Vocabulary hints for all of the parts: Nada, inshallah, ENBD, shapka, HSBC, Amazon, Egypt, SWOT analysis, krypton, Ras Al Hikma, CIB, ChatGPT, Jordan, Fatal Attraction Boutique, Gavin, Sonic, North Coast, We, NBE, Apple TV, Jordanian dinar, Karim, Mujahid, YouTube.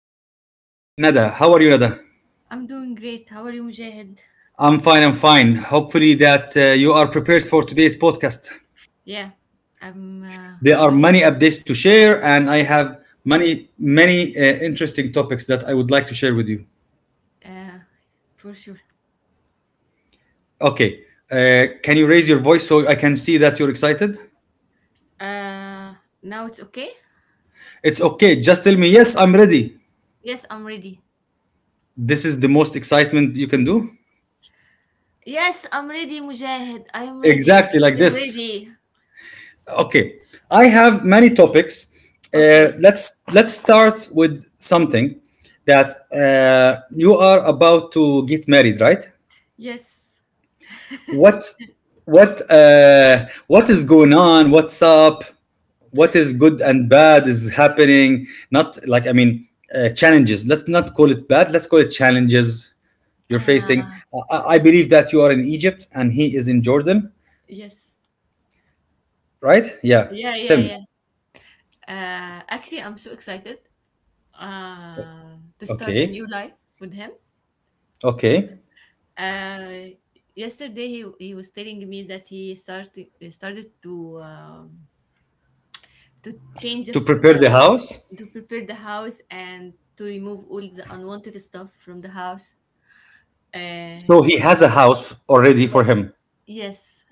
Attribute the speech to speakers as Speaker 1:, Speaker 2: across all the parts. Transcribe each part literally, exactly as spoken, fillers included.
Speaker 1: the great Nada. How are you, Nada?
Speaker 2: I'm doing great. How are you, Mujahid?
Speaker 1: I'm fine. I'm fine. Hopefully, that uh, you are prepared for today's podcast.
Speaker 2: Yeah, I'm uh,
Speaker 1: There are many
Speaker 2: really
Speaker 1: updates to share, and I have many, many uh, interesting topics that I would like to share with you.
Speaker 2: uh, for sure.
Speaker 1: Okay. Uh, can you raise your voice so I can see that you're excited?
Speaker 2: Uh, Now it's okay?
Speaker 1: It's okay. Just tell me, yes, I'm ready.
Speaker 2: Yes, I'm ready.
Speaker 1: This is the most excitement you can do.
Speaker 2: Yes, I'm ready, Mujahid. I am ready.
Speaker 1: Exactly like
Speaker 2: I'm
Speaker 1: this.
Speaker 2: ready.
Speaker 1: Okay, I have many topics.
Speaker 2: Okay.
Speaker 1: Uh, let's let's start with something that uh, you are about to get married, right?
Speaker 2: Yes.
Speaker 1: What what uh, what is going on? What's up? What is good and bad is happening? Not like I mean uh, challenges. Let's not call it bad. Let's call it challenges you're facing.
Speaker 2: Uh,
Speaker 1: I, I believe that you are in Egypt and he is in Jordan,
Speaker 2: yes.
Speaker 1: right? Yeah.
Speaker 2: Yeah, yeah,
Speaker 1: Tell me.
Speaker 2: yeah. Uh, actually, I'm so excited uh, to start a
Speaker 1: Okay.
Speaker 2: new life with him.
Speaker 1: Okay.
Speaker 2: Uh, Yesterday, he, he was telling me that he started started to um, to change of,
Speaker 1: To prepare the
Speaker 2: uh,
Speaker 1: house.
Speaker 2: to prepare the house and to remove all the unwanted stuff from the house. Uh,
Speaker 1: So he has a house already for
Speaker 2: yes,
Speaker 1: him.
Speaker 2: yes,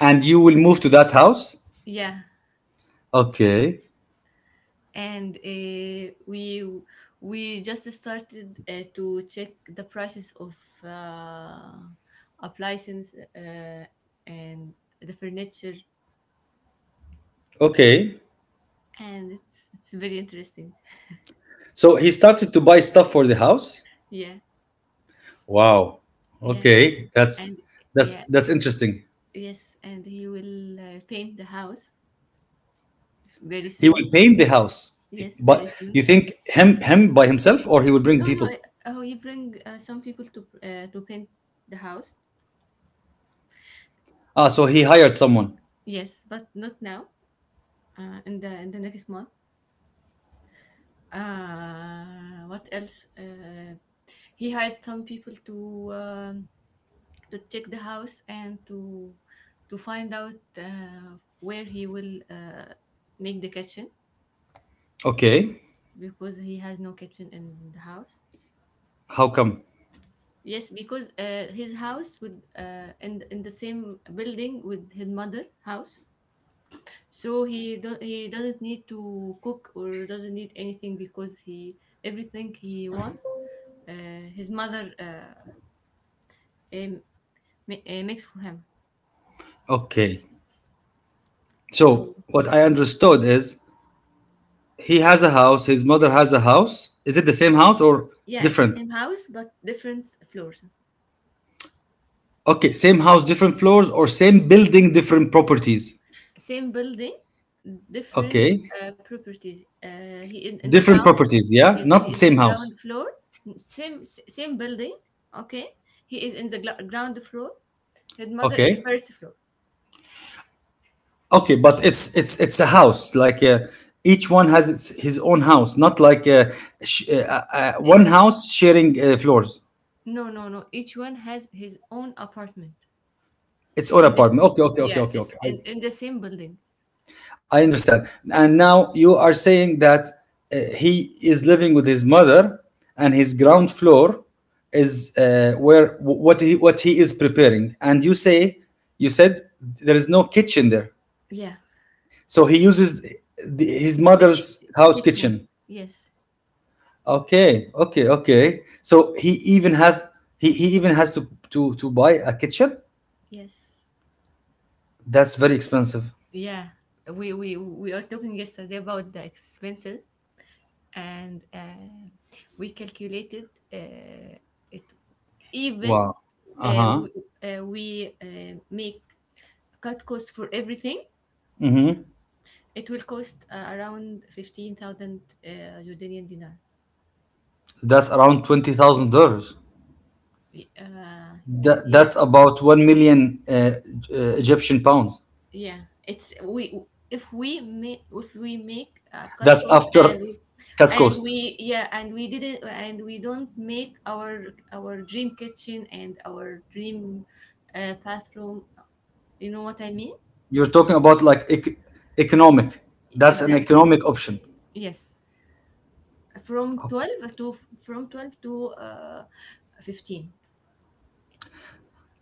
Speaker 1: And you will move to that house?
Speaker 2: yeah.
Speaker 1: Okay.
Speaker 2: And uh, we we just started uh, to check the prices of uh, appliances, uh, and the furniture,
Speaker 1: Okay.
Speaker 2: and it's it's very interesting.
Speaker 1: So he started to buy stuff for the house?
Speaker 2: Yeah,
Speaker 1: Wow.
Speaker 2: yeah,
Speaker 1: Okay.
Speaker 2: and
Speaker 1: That's
Speaker 2: yeah,
Speaker 1: that's that's interesting.
Speaker 2: yes, and he will uh, paint the house very
Speaker 1: He
Speaker 2: soon.
Speaker 1: will paint the house.
Speaker 2: Yes, very
Speaker 1: But you
Speaker 2: soon.
Speaker 1: think him him by himself or he will bring
Speaker 2: No, no.
Speaker 1: people?
Speaker 2: I- Oh, you bring uh, some people to uh, to paint the house.
Speaker 1: Ah, so he hired someone.
Speaker 2: Yes, but not now. Uh, in the in the next month. Uh, what else? Uh, he hired some people to um, to check the house and to to find out uh, where he will uh, make the kitchen
Speaker 1: Okay.
Speaker 2: because he has no kitchen in the house.
Speaker 1: How come?
Speaker 2: Yes, because uh, his house with uh, in in the same building with his mother house, so he do- he doesn't need to cook or doesn't need anything because he, everything he wants, uh, his mother, uh, um, ma- uh, makes for him.
Speaker 1: Okay.
Speaker 2: So
Speaker 1: So what I understood is he has a house, his mother has a house. Is it the same house or
Speaker 2: yeah, it's
Speaker 1: different?
Speaker 2: same house but different floors.
Speaker 1: Okay, same house, different floors, or same building, different properties.
Speaker 2: Same building, different
Speaker 1: Okay,
Speaker 2: uh, properties. Uh, he in, in the
Speaker 1: different
Speaker 2: ground,
Speaker 1: properties. Yeah,
Speaker 2: yes,
Speaker 1: not
Speaker 2: he
Speaker 1: the
Speaker 2: in the
Speaker 1: same house.
Speaker 2: ground floor, same s- same building. Okay. He is in the gla- ground floor, his mother in the
Speaker 1: Okay,
Speaker 2: first floor.
Speaker 1: okay, but it's it's it's a house. Like uh, each one has its his own house, not like uh, sh- uh, uh, uh, one
Speaker 2: Each
Speaker 1: house sharing uh, floors.
Speaker 2: No, no, no. Each one has his own apartment.
Speaker 1: It's own
Speaker 2: And this,
Speaker 1: apartment. Okay, okay, okay,
Speaker 2: yeah,
Speaker 1: okay,
Speaker 2: it,
Speaker 1: okay.
Speaker 2: in, in the same building.
Speaker 1: I understand. And now you are saying that uh, he is living with his mother, and his ground floor is uh, where w- what he what he is preparing. And you say you said there is no kitchen there,
Speaker 2: Yeah.
Speaker 1: so he uses the, his
Speaker 2: The
Speaker 1: mother's
Speaker 2: kitchen.
Speaker 1: house
Speaker 2: Kitchen.
Speaker 1: kitchen.
Speaker 2: Yes.
Speaker 1: Okay, okay, okay. So he even has he, he even has to to to buy a kitchen.
Speaker 2: Yes.
Speaker 1: That's very expensive.
Speaker 2: Yeah. We, we, we are talking yesterday about the expenses and uh, we calculated uh, it, even
Speaker 1: Wow. Uh
Speaker 2: uh,
Speaker 1: huh.
Speaker 2: we, uh, we uh, make cut cost for everything.
Speaker 1: Mm-hmm.
Speaker 2: It will cost uh, around fifteen thousand uh, Jordanian dinar.
Speaker 1: That's around twenty thousand dollars.
Speaker 2: Y- Uh,
Speaker 1: That,
Speaker 2: yeah.
Speaker 1: that's about one million uh, uh, Egyptian pounds.
Speaker 2: Yeah, it's, we, if we make if we make uh, cut
Speaker 1: That's
Speaker 2: costs and
Speaker 1: after
Speaker 2: we,
Speaker 1: cut
Speaker 2: and
Speaker 1: cost.
Speaker 2: we, yeah, and we didn't, and we don't make our our dream kitchen and our dream, uh, bathroom. You know what I mean?
Speaker 1: You're talking about like ec- economic. That's an
Speaker 2: Exactly.
Speaker 1: economic option.
Speaker 2: Yes, from
Speaker 1: Okay.
Speaker 2: twelve to from twelve to uh, fifteen.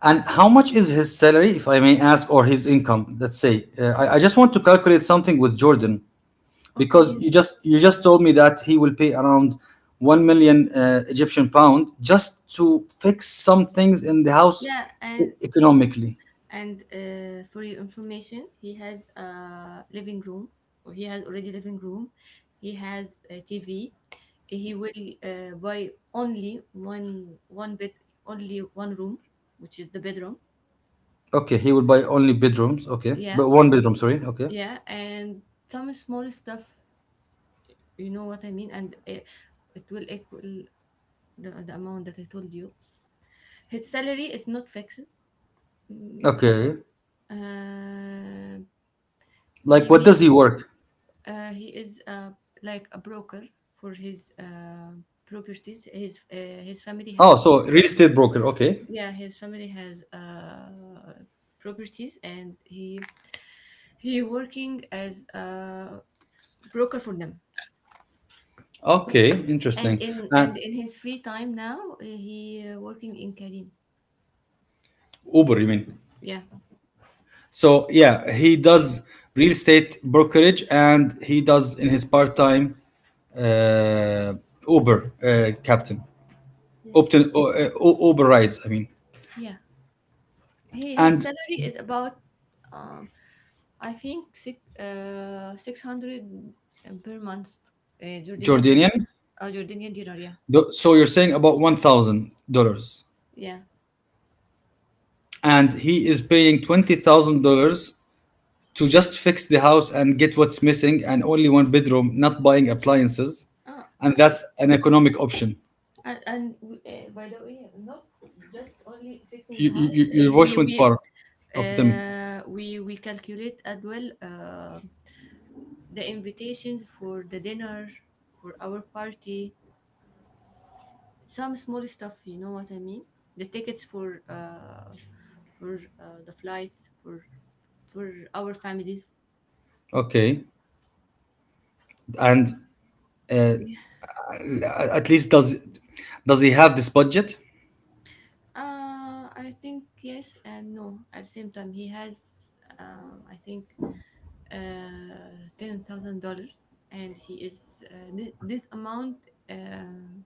Speaker 1: And how much is his salary, if I may ask, or his income? Let's say uh, I, I just want to calculate something with Jordan
Speaker 2: Okay.
Speaker 1: because you
Speaker 2: his-
Speaker 1: just you just told me that he will pay around one million uh, Egyptian pound just to fix some things in the house
Speaker 2: Yeah,
Speaker 1: e-
Speaker 2: and
Speaker 1: economically.
Speaker 2: And uh, for your information, he has a living room, or he has already living room. He has a T V. He will uh, buy only one one bed, only one room, which is the bedroom.
Speaker 1: Okay, he would buy only bedrooms. Okay,
Speaker 2: Yeah,
Speaker 1: but one bedroom. Sorry. Okay.
Speaker 2: yeah, and some small stuff. You know what I mean? And uh, it will equal the, the amount that I told you. His salary is not fixed. Mm.
Speaker 1: Okay.
Speaker 2: uh,
Speaker 1: Like,
Speaker 2: he
Speaker 1: what does
Speaker 2: may
Speaker 1: he work?
Speaker 2: Uh, he is uh, like a broker for his uh, properties. His uh, his family
Speaker 1: Oh,
Speaker 2: has,
Speaker 1: so real estate broker. Okay.
Speaker 2: yeah, his family has uh, properties, and he he working as a broker for them.
Speaker 1: Okay.
Speaker 2: And
Speaker 1: Interesting.
Speaker 2: in
Speaker 1: Uh,
Speaker 2: and in his free time now uh, he uh, working in Karim.
Speaker 1: Uber, you mean?
Speaker 2: Yeah.
Speaker 1: So yeah, he does real estate brokerage, and he does in his part time uh, Uber uh, captain,
Speaker 2: Yes.
Speaker 1: Upton, uh, uh, U- Uber rides. I mean,
Speaker 2: Yeah. He, his
Speaker 1: and
Speaker 2: salary is about, um, I think six uh, six hundred per month, uh, Jordanian dollar,
Speaker 1: Jordanian.
Speaker 2: uh, Jordanian dinar. Yeah,
Speaker 1: Th- So you're saying about one thousand dollars,
Speaker 2: yeah.
Speaker 1: and he is paying twenty thousand dollars to just fix the house and get what's missing and only one bedroom, not buying appliances.
Speaker 2: Oh,
Speaker 1: And
Speaker 2: uh,
Speaker 1: that's an economic option.
Speaker 2: and, and we, uh, by the way, not just only fixing the
Speaker 1: You, you,
Speaker 2: house.
Speaker 1: you- your
Speaker 2: Uh,
Speaker 1: voice
Speaker 2: we
Speaker 1: went
Speaker 2: we
Speaker 1: far. Okay, tell me.
Speaker 2: uh, we we calculate as well uh, the invitations for the dinner, for our party, some small stuff, you know what I mean, the tickets for uh for uh, the flights for for our families.
Speaker 1: Okay. And uh,
Speaker 2: Yeah.
Speaker 1: a- at least does does he have this budget?
Speaker 2: uh I think yes and no. At the same time, he has, um I think uh ten thousand dollars, and he is, uh, th- this amount, um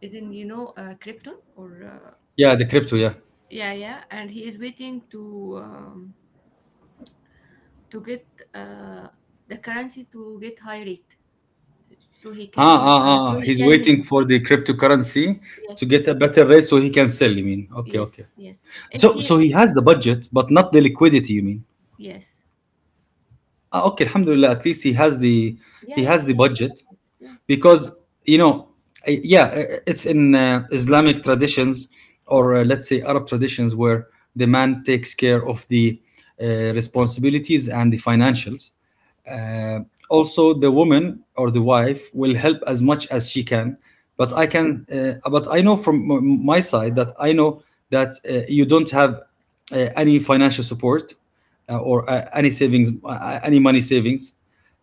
Speaker 2: is in, you know, uh, krypton, or, uh,
Speaker 1: Yeah, the crypto, yeah.
Speaker 2: yeah, yeah, and he is waiting to um, to get uh, the currency to get high rate, so he can,
Speaker 1: Ah, ah,
Speaker 2: uh,
Speaker 1: ah.
Speaker 2: so
Speaker 1: ah.
Speaker 2: he
Speaker 1: He's
Speaker 2: can his,
Speaker 1: waiting for the cryptocurrency to
Speaker 2: yes,
Speaker 1: get a better rate so he can sell, you mean? Okay,
Speaker 2: yes,
Speaker 1: okay.
Speaker 2: yes, if
Speaker 1: So
Speaker 2: he,
Speaker 1: so he has the budget, but not the liquidity, you mean?
Speaker 2: yes,
Speaker 1: Ah, okay, Alhamdulillah. At least he has the
Speaker 2: yeah,
Speaker 1: he
Speaker 2: yeah,
Speaker 1: has the
Speaker 2: yeah,
Speaker 1: budget
Speaker 2: yeah,
Speaker 1: because you know, I- yeah, i- it's in uh, Islamic traditions or uh, let's say Arab traditions where the man takes care of the uh, responsibilities and the financials. Uh, Also, the woman or the wife will help as much as she can. But I
Speaker 2: yes.
Speaker 1: can, uh, but I know from m- my side that I know that uh, you don't have uh, any financial support uh, or uh, any savings, uh, any money savings.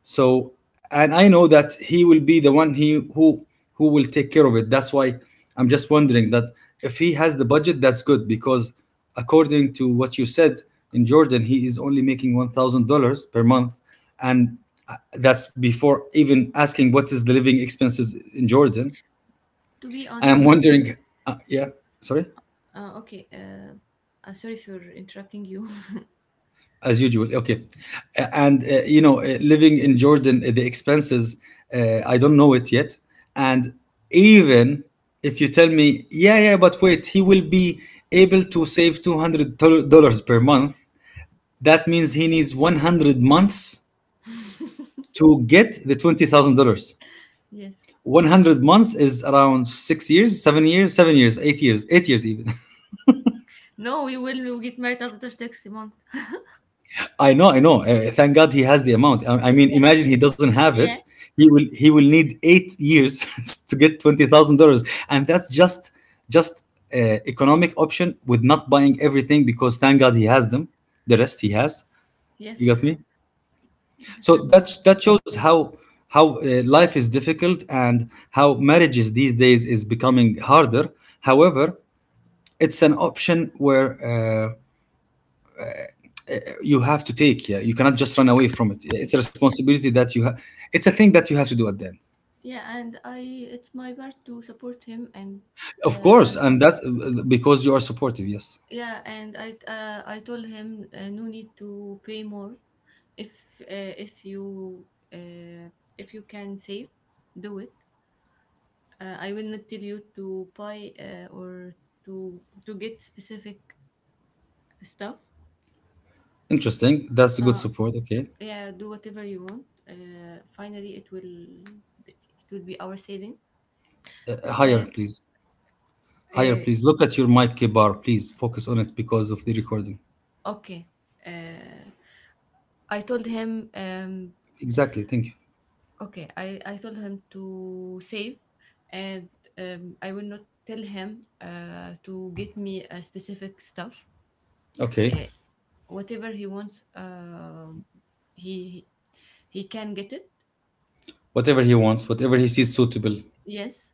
Speaker 1: So, and I know that he will be the one he who who will take care of it. That's why I'm just wondering that if
Speaker 2: He-
Speaker 1: he has the budget, that's good because according to what you said in Jordan, he is only making one thousand dollars per month, and uh, that's before even asking what is the living expenses in Jordan.
Speaker 2: to be
Speaker 1: I am
Speaker 2: honest,
Speaker 1: wondering, uh, yeah, sorry.
Speaker 2: uh, okay uh, uh sorry for interrupting you.
Speaker 1: As usual, okay. Uh, and uh, you know uh, living in Jordan uh, the expenses uh, I don't know it yet, and even if you tell me yeah yeah but wait, he will be able to save two hundred dollars per month. That means he needs one hundred months to get the twenty thousand dollars.
Speaker 2: Yes.
Speaker 1: one hundred months is around six years, seven years, seven years eight years, eight years even.
Speaker 2: No, we will, we will get married after next month.
Speaker 1: I know, I know. Uh, thank God he has the amount. I, I mean,
Speaker 2: Yeah,
Speaker 1: imagine he doesn't have
Speaker 2: yeah.
Speaker 1: it. He will he will need eight years to get twenty thousand dollars, and that's just just uh, economic option with not buying everything because thank God he has them. The rest he has. You
Speaker 2: Yes,
Speaker 1: got me.
Speaker 2: that
Speaker 1: So
Speaker 2: sounds
Speaker 1: that
Speaker 2: good.
Speaker 1: that shows how how uh, life is difficult and how marriages these days is becoming harder. However, it's an option where. Uh, you have to take, yeah, you cannot just run away from it. It's a
Speaker 2: Yes,
Speaker 1: responsibility that you have. It's a thing that you have to do at the end.
Speaker 2: yeah, and I it's my part to support him and,
Speaker 1: Of course,
Speaker 2: uh
Speaker 1: and that's because you are supportive, yes.
Speaker 2: yeah, and I, uh, I told him, uh, no need to pay more. If uh, if you, uh, if you can save, do it. Uh, I will not tell you to buy, uh, or to to get specific stuff.
Speaker 1: Interesting, that's a good
Speaker 2: Uh,
Speaker 1: support, okay.
Speaker 2: yeah, do whatever you want. Uh, finally, it will, it, it will be our saving.
Speaker 1: Higher,
Speaker 2: Uh,
Speaker 1: please. Higher,
Speaker 2: uh,
Speaker 1: please. Look at your mic bar, please focus on it because of the recording.
Speaker 2: okay. Uh, I told him. Um,
Speaker 1: Exactly, thank you.
Speaker 2: Okay, I, I told him to save, and um, I will not tell him uh, to get me a specific stuff.
Speaker 1: Okay.
Speaker 2: Uh, Whatever he wants, um he he can get it.
Speaker 1: Whatever he wants, whatever he sees suitable,
Speaker 2: Yes.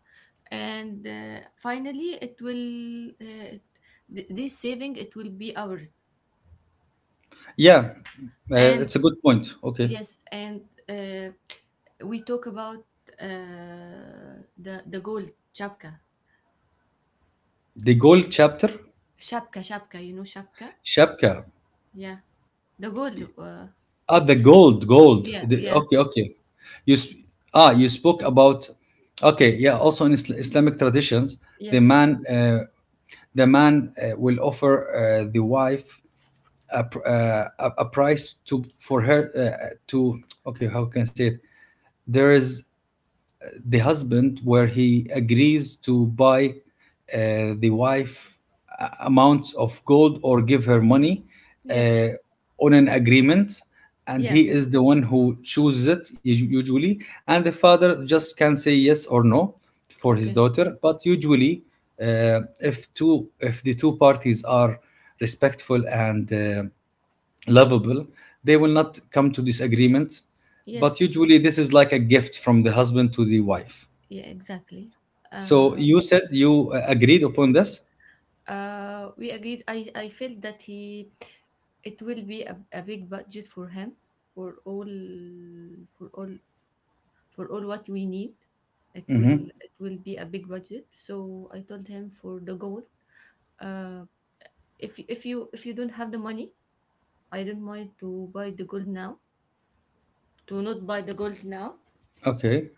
Speaker 2: And uh, finally, it will, uh, th- this saving, it will be ours.
Speaker 1: yeah. Uh,
Speaker 2: And
Speaker 1: it's a good point, okay.
Speaker 2: yes, and uh, we talk about uh, the the gold chapka,
Speaker 1: The goal chapter.
Speaker 2: shapka, shapka. You know shapka?
Speaker 1: Shapka.
Speaker 2: Yeah. The gold. Uh,
Speaker 1: Ah, the gold, gold.
Speaker 2: yeah,
Speaker 1: The,
Speaker 2: yeah,
Speaker 1: okay, okay. You sp- ah, you spoke about okay, yeah. Also in Isl- Islamic traditions, the
Speaker 2: yes,
Speaker 1: man uh, the man uh, will offer uh, the wife a, pr- uh, a a price to for her uh, to okay. How can I say it? There is the husband where he agrees to buy uh, the wife a- amounts of gold or give her money
Speaker 2: yes,
Speaker 1: uh, on an agreement, and
Speaker 2: yeah,
Speaker 1: he is the one who chooses it us- usually, and the
Speaker 2: yeah.
Speaker 1: father just can say yes or no for his
Speaker 2: Okay.
Speaker 1: daughter. But usually uh, if two if the two parties are respectful and uh, lovable, they will not come to this agreement. But
Speaker 2: Yes.
Speaker 1: usually this is like a gift from the husband to the wife.
Speaker 2: Yeah. Exactly.
Speaker 1: So
Speaker 2: Uh.
Speaker 1: you said you uh, agreed upon this?
Speaker 2: Uh. We agreed. I. I felt that he, it will be a, a big budget for him, for all for all for all what we need. It will, it will be a big budget. So I told him, for the gold, Uh. if, if you if you don't have the money, I don't mind to buy the gold now. To not buy the gold now,
Speaker 1: Okay.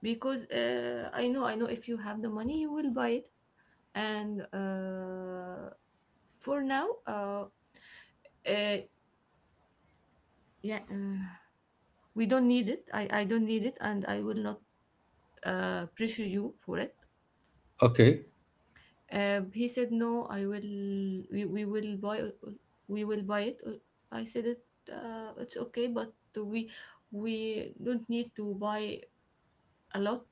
Speaker 2: because uh, I know, I know if you have the money, you will buy it, and uh, for now uh, uh, yeah uh, we don't need it. I, I don't need it, and I will not uh, pressure you for it.
Speaker 1: Okay.
Speaker 2: Uh, he said no, I will, we, we will buy, we will buy it. I said it, uh, it's okay, but we we don't need to buy a lot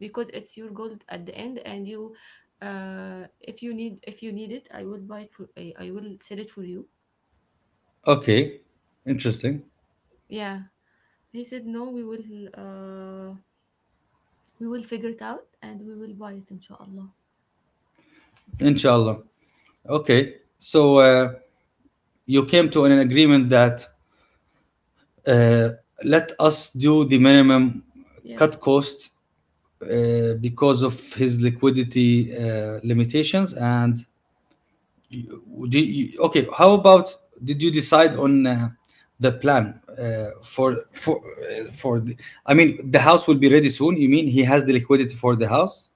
Speaker 2: because it's your goal at the end, and you, uh if you need if you need it, I will buy it for, i, I will sell it for you.
Speaker 1: Okay. Interesting.
Speaker 2: Yeah, he said no, we will, uh we will figure it out, and we will buy it, inshallah.
Speaker 1: Inshallah. Okay. So uh, you came to an agreement that uh, let us do the minimum,
Speaker 2: Yeah.
Speaker 1: cut cost, uh, because of his liquidity uh, limitations. And you, do you- okay, how about, did you decide on uh, the plan uh, for for uh, for the, I mean the house will be ready soon? You mean he has the liquidity for the house?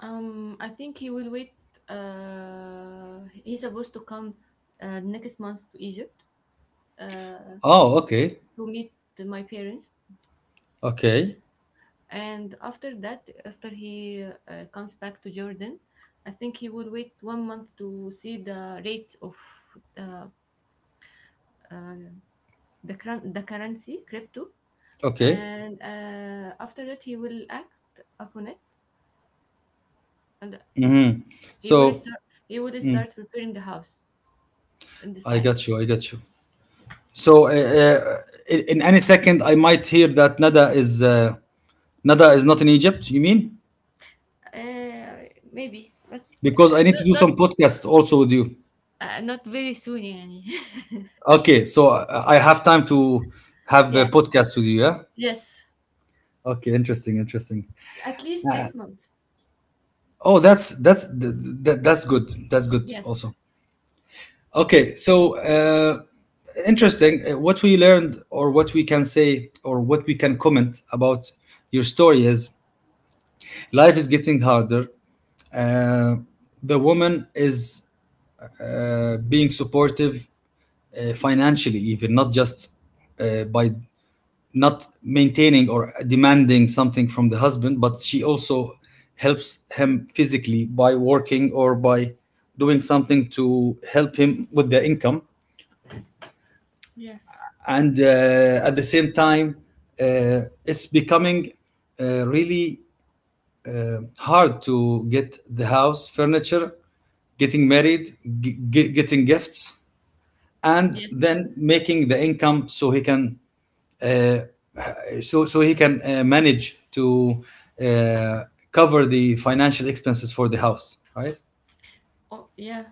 Speaker 2: um I think he will wait. Uh he's supposed to come uh, next month to Egypt, uh
Speaker 1: Oh, okay.
Speaker 2: to meet my parents.
Speaker 1: Okay,
Speaker 2: And after that, after he uh, comes back to Jordan, I think he will wait one month to see the rates of the, uh, the, current the currency, crypto,
Speaker 1: okay.
Speaker 2: and uh, after that, he will act upon it, and
Speaker 1: Hmm.
Speaker 2: he will
Speaker 1: So
Speaker 2: start he will start preparing the house in this
Speaker 1: I
Speaker 2: time.
Speaker 1: got you, I got you. So uh, uh, in, in any second I might hear that Nada is uh, Nada is not in Egypt, you mean,
Speaker 2: Uh, maybe, but
Speaker 1: because
Speaker 2: uh,
Speaker 1: I need to
Speaker 2: not
Speaker 1: do
Speaker 2: not
Speaker 1: some podcast also with you.
Speaker 2: uh, not very soon, يعني.
Speaker 1: Okay, so i I have time to have a
Speaker 2: Yeah.
Speaker 1: podcast with you, yeah.
Speaker 2: Yes.
Speaker 1: Okay, interesting, interesting.
Speaker 2: At least next month.
Speaker 1: Oh, that's that's th- th- that's good. That's good
Speaker 2: Yes.
Speaker 1: also. Okay, so uh, interesting. Uh, What we learned, or what we can say, or what we can comment about your story is life is getting harder. Uh, the woman is uh, being supportive uh, financially, even not just uh, by not maintaining or demanding something from the husband, but she also helps him physically by working or by doing something to help him with the income.
Speaker 2: Yes.
Speaker 1: And uh, at the same time, uh, it's becoming uh, really uh, hard to get the house furniture, getting married, g- g- getting gifts, and
Speaker 2: Yes.
Speaker 1: then making the income so he can uh, so so he can uh, manage to uh, cover the financial expenses for the house, right?
Speaker 2: Oh yeah.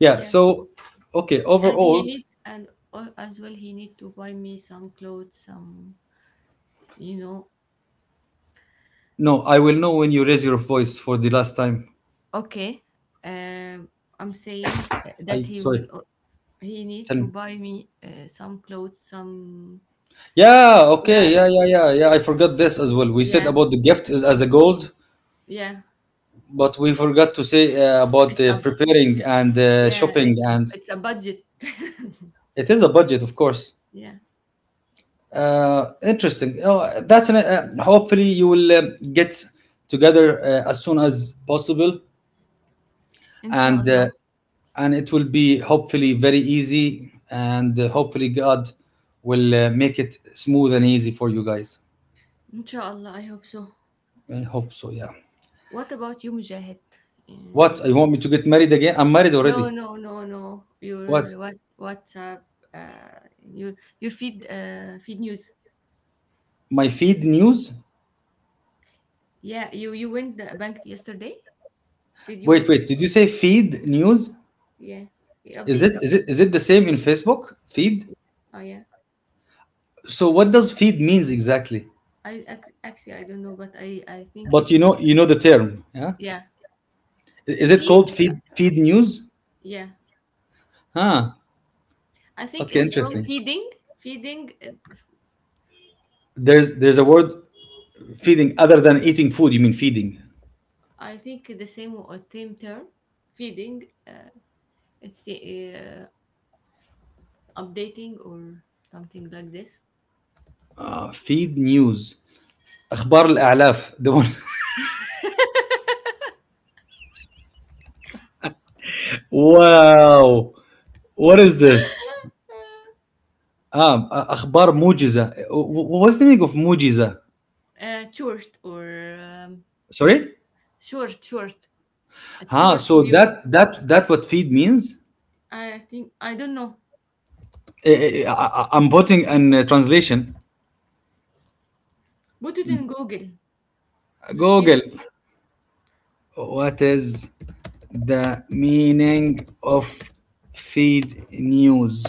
Speaker 1: Yeah,
Speaker 2: Yeah.
Speaker 1: so okay,
Speaker 2: and he
Speaker 1: overall,
Speaker 2: need and al- as well, he need to buy me some clothes, some, you know.
Speaker 1: no, I will know when you raise your voice for the last time.
Speaker 2: Okay. um I'm saying that
Speaker 1: I
Speaker 2: he will,
Speaker 1: sorry,
Speaker 2: uh, he needs
Speaker 1: tell
Speaker 2: to
Speaker 1: me,
Speaker 2: buy me uh, some clothes, some.
Speaker 1: yeah,
Speaker 2: Yeah,
Speaker 1: okay, yeah yeah yeah yeah I forgot this as well. We said
Speaker 2: yeah,
Speaker 1: about the gift is as a gold,
Speaker 2: yeah
Speaker 1: but we forgot to say uh, about
Speaker 2: it's
Speaker 1: the
Speaker 2: a
Speaker 1: preparing and uh,
Speaker 2: yeah,
Speaker 1: shopping.
Speaker 2: it's a,
Speaker 1: And
Speaker 2: it's a budget.
Speaker 1: it is a budget, of course.
Speaker 2: Yeah.
Speaker 1: Uh, interesting. Oh, that's an, uh, hopefully you will uh, get together uh, as soon as possible, and uh,
Speaker 2: Inshallah.
Speaker 1: and it will be hopefully very easy, and uh, hopefully God will uh, make it smooth and easy for you guys.
Speaker 2: Inshallah, I hope so.
Speaker 1: I hope so. Yeah.
Speaker 2: What about you, Mujahid?
Speaker 1: What?
Speaker 2: Uh,
Speaker 1: You want me to get married again? I'm married
Speaker 2: no,
Speaker 1: already.
Speaker 2: no, no, no.
Speaker 1: What?
Speaker 2: Your, what, WhatsApp, uh your your feed, uh feed news.
Speaker 1: My feed news?
Speaker 2: Yeah, you you went the bank yesterday? Did you?
Speaker 1: Wait,
Speaker 2: w-
Speaker 1: wait. Did you say feed news?
Speaker 2: Yeah. Yeah,
Speaker 1: Is it
Speaker 2: updates.
Speaker 1: is it is it the same in Facebook? Feed?
Speaker 2: Oh yeah.
Speaker 1: So what does feed means exactly?
Speaker 2: I ac- actually, I don't know, but I I think
Speaker 1: But
Speaker 2: it's,
Speaker 1: you know, you know the term, yeah?
Speaker 2: yeah,
Speaker 1: I- Is it
Speaker 2: feed.
Speaker 1: called feed feed news?
Speaker 2: Yeah,
Speaker 1: Huh.
Speaker 2: I think
Speaker 1: Okay,
Speaker 2: it's from
Speaker 1: interesting.
Speaker 2: feeding. Feeding. uh,
Speaker 1: There's there's a word feeding other than eating food. You mean feeding?
Speaker 2: I think the same or same term. Feeding. Uh, it's the uh, updating or something like this.
Speaker 1: Uh, feed news. أخبار الأعلاف. The one. Wow. What is this? Ah, أخبار موجزة. Wh- wh- What's the meaning of موجزة?
Speaker 2: Uh, short or, um,
Speaker 1: Sorry?
Speaker 2: short, short, a
Speaker 1: Huh.
Speaker 2: short
Speaker 1: So
Speaker 2: news.
Speaker 1: that that that what feed means?
Speaker 2: I think I don't know.
Speaker 1: Eh, eh, eh, I, I- I'm putting an uh, translation.
Speaker 2: Put it in Google to
Speaker 1: Google.
Speaker 2: see.
Speaker 1: What is the meaning of feed news?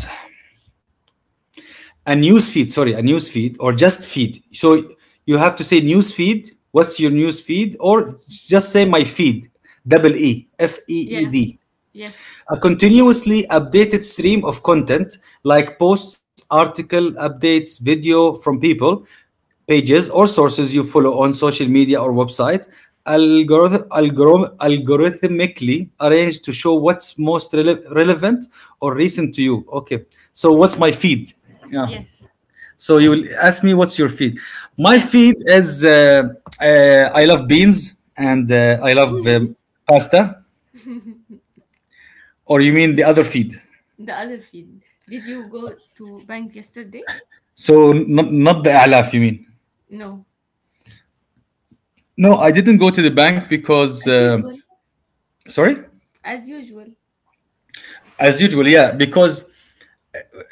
Speaker 1: A news feed, sorry, a news feed or just feed. So you have to say news feed. What's your news feed? Or just say my feed. Double E, F E E
Speaker 2: Yeah.
Speaker 1: D.
Speaker 2: Yes.
Speaker 1: A continuously updated stream of content like posts, article updates, video from people, pages or sources you follow on social media or website, algorith- algorithm algorithmically arranged to show what's most rele- relevant or recent to you. Okay, so what's my feed? Yeah.
Speaker 2: Yes.
Speaker 1: So you will ask me what's your feed. My
Speaker 2: Yeah.
Speaker 1: feed is uh, uh, I love beans and uh, I love um, pasta. Or you mean the other feed?
Speaker 2: The other field. Did you go to bank yesterday?
Speaker 1: So not not the Alaf, you mean?
Speaker 2: No.
Speaker 1: No, I didn't go to the bank because
Speaker 2: As
Speaker 1: uh,
Speaker 2: usual.
Speaker 1: sorry,
Speaker 2: As usual.
Speaker 1: as usual, yeah, because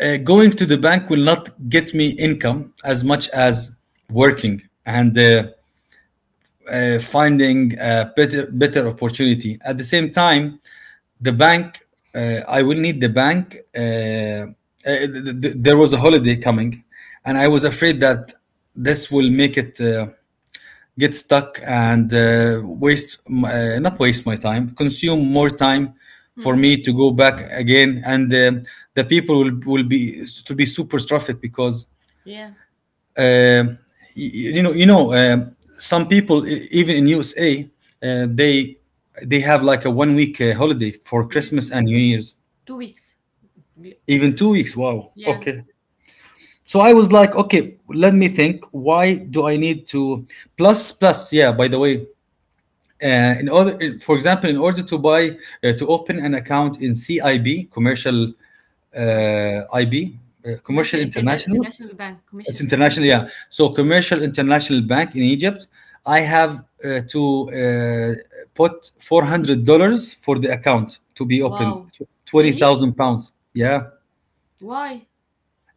Speaker 1: uh, going to the bank will not get me income as much as working and uh, uh, finding a better better opportunity. At the same time, the bank, uh, I will need the bank. Uh, uh, th- th- there was a holiday coming, and I was afraid that this will make it. Uh, get stuck and uh, waste m- uh, not waste my time, consume more time for
Speaker 2: Mm.
Speaker 1: me to go back again and uh, the people will, will be to be super traffic because
Speaker 2: Yeah.
Speaker 1: uh, you, you know you know uh, some people e- even in U S A uh, they they have like a one week uh, holiday for
Speaker 2: Yes.
Speaker 1: Christmas and New Year's,
Speaker 2: Two weeks. To be
Speaker 1: even two weeks, wow.
Speaker 2: Yeah.
Speaker 1: Okay, so I was like, okay, let me think. Why do I need to plus plus? Yeah. By the way, uh, in order for example in order to buy uh, to open an account in cib commercial
Speaker 2: Wow.
Speaker 1: uh, ib uh,
Speaker 2: Commercial
Speaker 1: commercial
Speaker 2: Interna-
Speaker 1: international,
Speaker 2: International Bank. Commission.
Speaker 1: it's international,
Speaker 2: com-
Speaker 1: yeah. So
Speaker 2: uh,
Speaker 1: commercial international bank in egypt, I have uh, to uh, put four hundred dollars for the account to be opened,
Speaker 2: wow. Really?
Speaker 1: twenty thousand pounds, yeah.
Speaker 2: Why?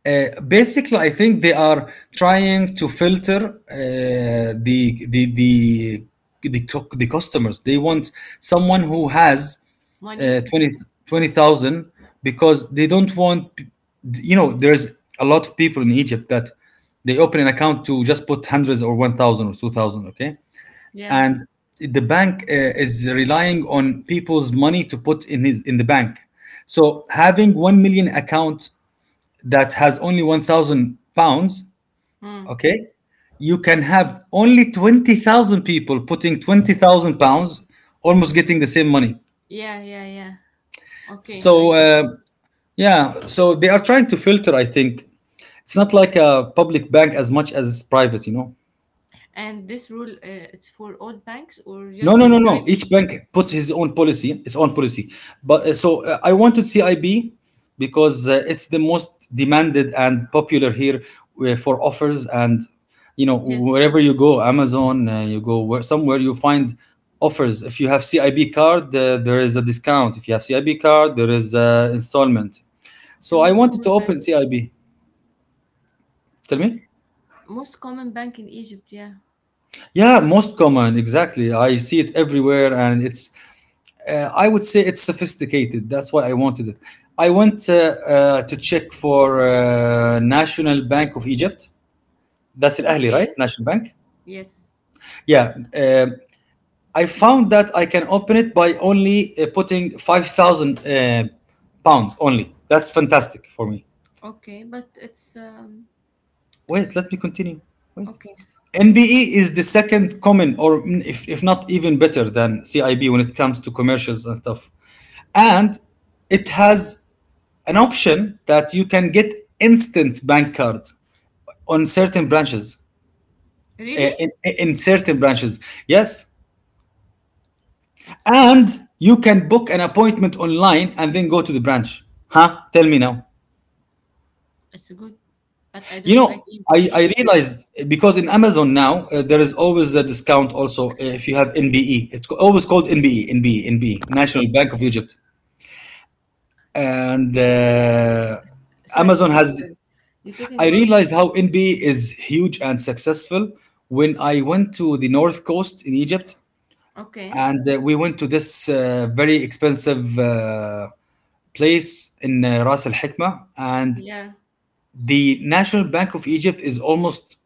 Speaker 1: uh, Basically, I think they are trying to filter uh, the, the the the cu- the customers. They want someone who has uh,
Speaker 2: Money?
Speaker 1: 20 twenty thousand, because they don't want p- you know there's a lot of people in Egypt that they open an account to just put hundreds or one thousand or two thousand, okay?
Speaker 2: Yeah.
Speaker 1: And the bank uh, is relying on people's money to put in his in the bank. So having one million account that has only one thousand pounds,
Speaker 2: Mm.
Speaker 1: okay, you can have only twenty thousand people putting twenty thousand pounds almost getting the same money.
Speaker 2: Yeah. Yeah. Yeah. Okay, I
Speaker 1: So
Speaker 2: get you.
Speaker 1: uh, yeah, so they are trying to filter. I think it's not like a public bank as much as it's private, you know.
Speaker 2: And this rule, uh, it's for all banks or
Speaker 1: No, no, no,
Speaker 2: just
Speaker 1: no.
Speaker 2: I B?
Speaker 1: Each bank puts his own policy, its own policy. But uh, so uh, I wanted C I B because uh, it's the most demanded and popular here uh, for offers. And you know,
Speaker 2: Yes.
Speaker 1: wherever you go, Amazon, uh, you go where, somewhere, you
Speaker 2: Yeah, yeah.
Speaker 1: find offers. If you have C I B card, uh, there is a discount. If you have C I B card, there is uh, installment.
Speaker 2: It's
Speaker 1: So
Speaker 2: the
Speaker 1: I
Speaker 2: most
Speaker 1: wanted to
Speaker 2: common bank.
Speaker 1: open C I B. Tell me.
Speaker 2: Most common bank in Egypt, yeah.
Speaker 1: Yeah, most common, exactly. I see it everywhere, and it's Uh, I would say it's sophisticated. That's why I wanted it. I went uh, uh, to check for uh, National Bank of Egypt. That's Al Ahli, right?
Speaker 2: Okay.
Speaker 1: National Bank.
Speaker 2: Yes.
Speaker 1: Yeah. Uh, I found that I can open it by only uh, putting five thousand uh, pounds only. That's fantastic for me.
Speaker 2: Okay, but it's um
Speaker 1: Wait, let me continue. Wait.
Speaker 2: okay.
Speaker 1: N B E is the second common, or mm, if, if not even better than C I B when it comes to commercials and stuff. And it has an option that you can get instant bank card on certain branches,
Speaker 2: Really?
Speaker 1: eh, in, in certain branches, yes,
Speaker 2: It's
Speaker 1: and you can book an appointment online and then go to the branch. Huh, tell me now,
Speaker 2: it's good, but I
Speaker 1: you
Speaker 2: don't like
Speaker 1: know, I, I
Speaker 2: E P D.
Speaker 1: realized eh, because in amazon now uh, there is always a discount also, eh, if you have nbe, it's co- always called nbe nbe nbe, national bank of egypt. And uh,
Speaker 2: Sorry,
Speaker 1: amazon
Speaker 2: sorry,
Speaker 1: has,
Speaker 2: sorry. You're talking
Speaker 1: I
Speaker 2: about,
Speaker 1: realized how N B A is huge and successful when I went to the North Coast in Egypt,
Speaker 2: okay.
Speaker 1: and uh, we went to this uh, very expensive uh, place in uh, Ras Al Hikma, and
Speaker 2: Yeah.
Speaker 1: the National Bank of Egypt is almost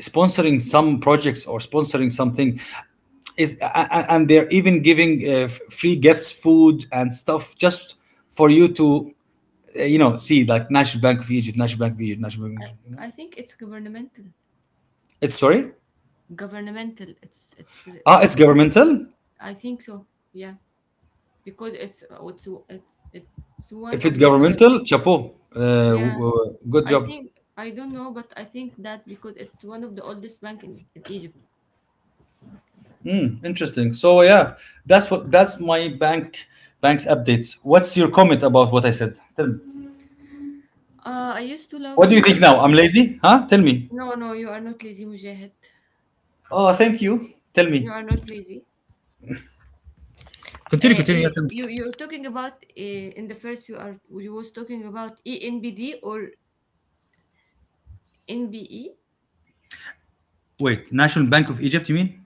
Speaker 1: sponsoring some projects or sponsoring something. It's, a- a- and they're even giving uh, f- free gifts, food, and stuff just for you to, uh, you know, see like National Bank of Egypt, National Bank of Egypt, National Bank of
Speaker 2: I
Speaker 1: Egypt. You know,
Speaker 2: I think it's governmental.
Speaker 1: it's, sorry.
Speaker 2: Governmental. It's it's uh,
Speaker 1: Ah, it's governmental.
Speaker 2: I think so. Yeah, because it's uh, it's it's it's one
Speaker 1: If it's
Speaker 2: of the, uh,
Speaker 1: governmental, chapeau. Uh, w-
Speaker 2: yeah,
Speaker 1: w- good
Speaker 2: I
Speaker 1: job.
Speaker 2: think I don't know, but I think that because it's one of the oldest bank in, in Egypt.
Speaker 1: Interesting. So yeah, that's what that's my bank bank's updates. What's your comment about what I said? Tell me.
Speaker 2: Uh, I used to
Speaker 1: What do
Speaker 2: love.
Speaker 1: you think now?
Speaker 2: I-
Speaker 1: I'm lazy, huh? Tell me.
Speaker 2: No, no, you are not lazy, Mujahid.
Speaker 1: Oh, thank you. Tell
Speaker 2: You
Speaker 1: me.
Speaker 2: are not lazy.
Speaker 1: Continue,
Speaker 2: Uh,
Speaker 1: continue. Yeah,
Speaker 2: you
Speaker 1: tell
Speaker 2: you
Speaker 1: me.
Speaker 2: you're talking about, uh, in the first, you are you was talking about E N B D or N B E.
Speaker 1: Wait, National Bank of Egypt. You mean?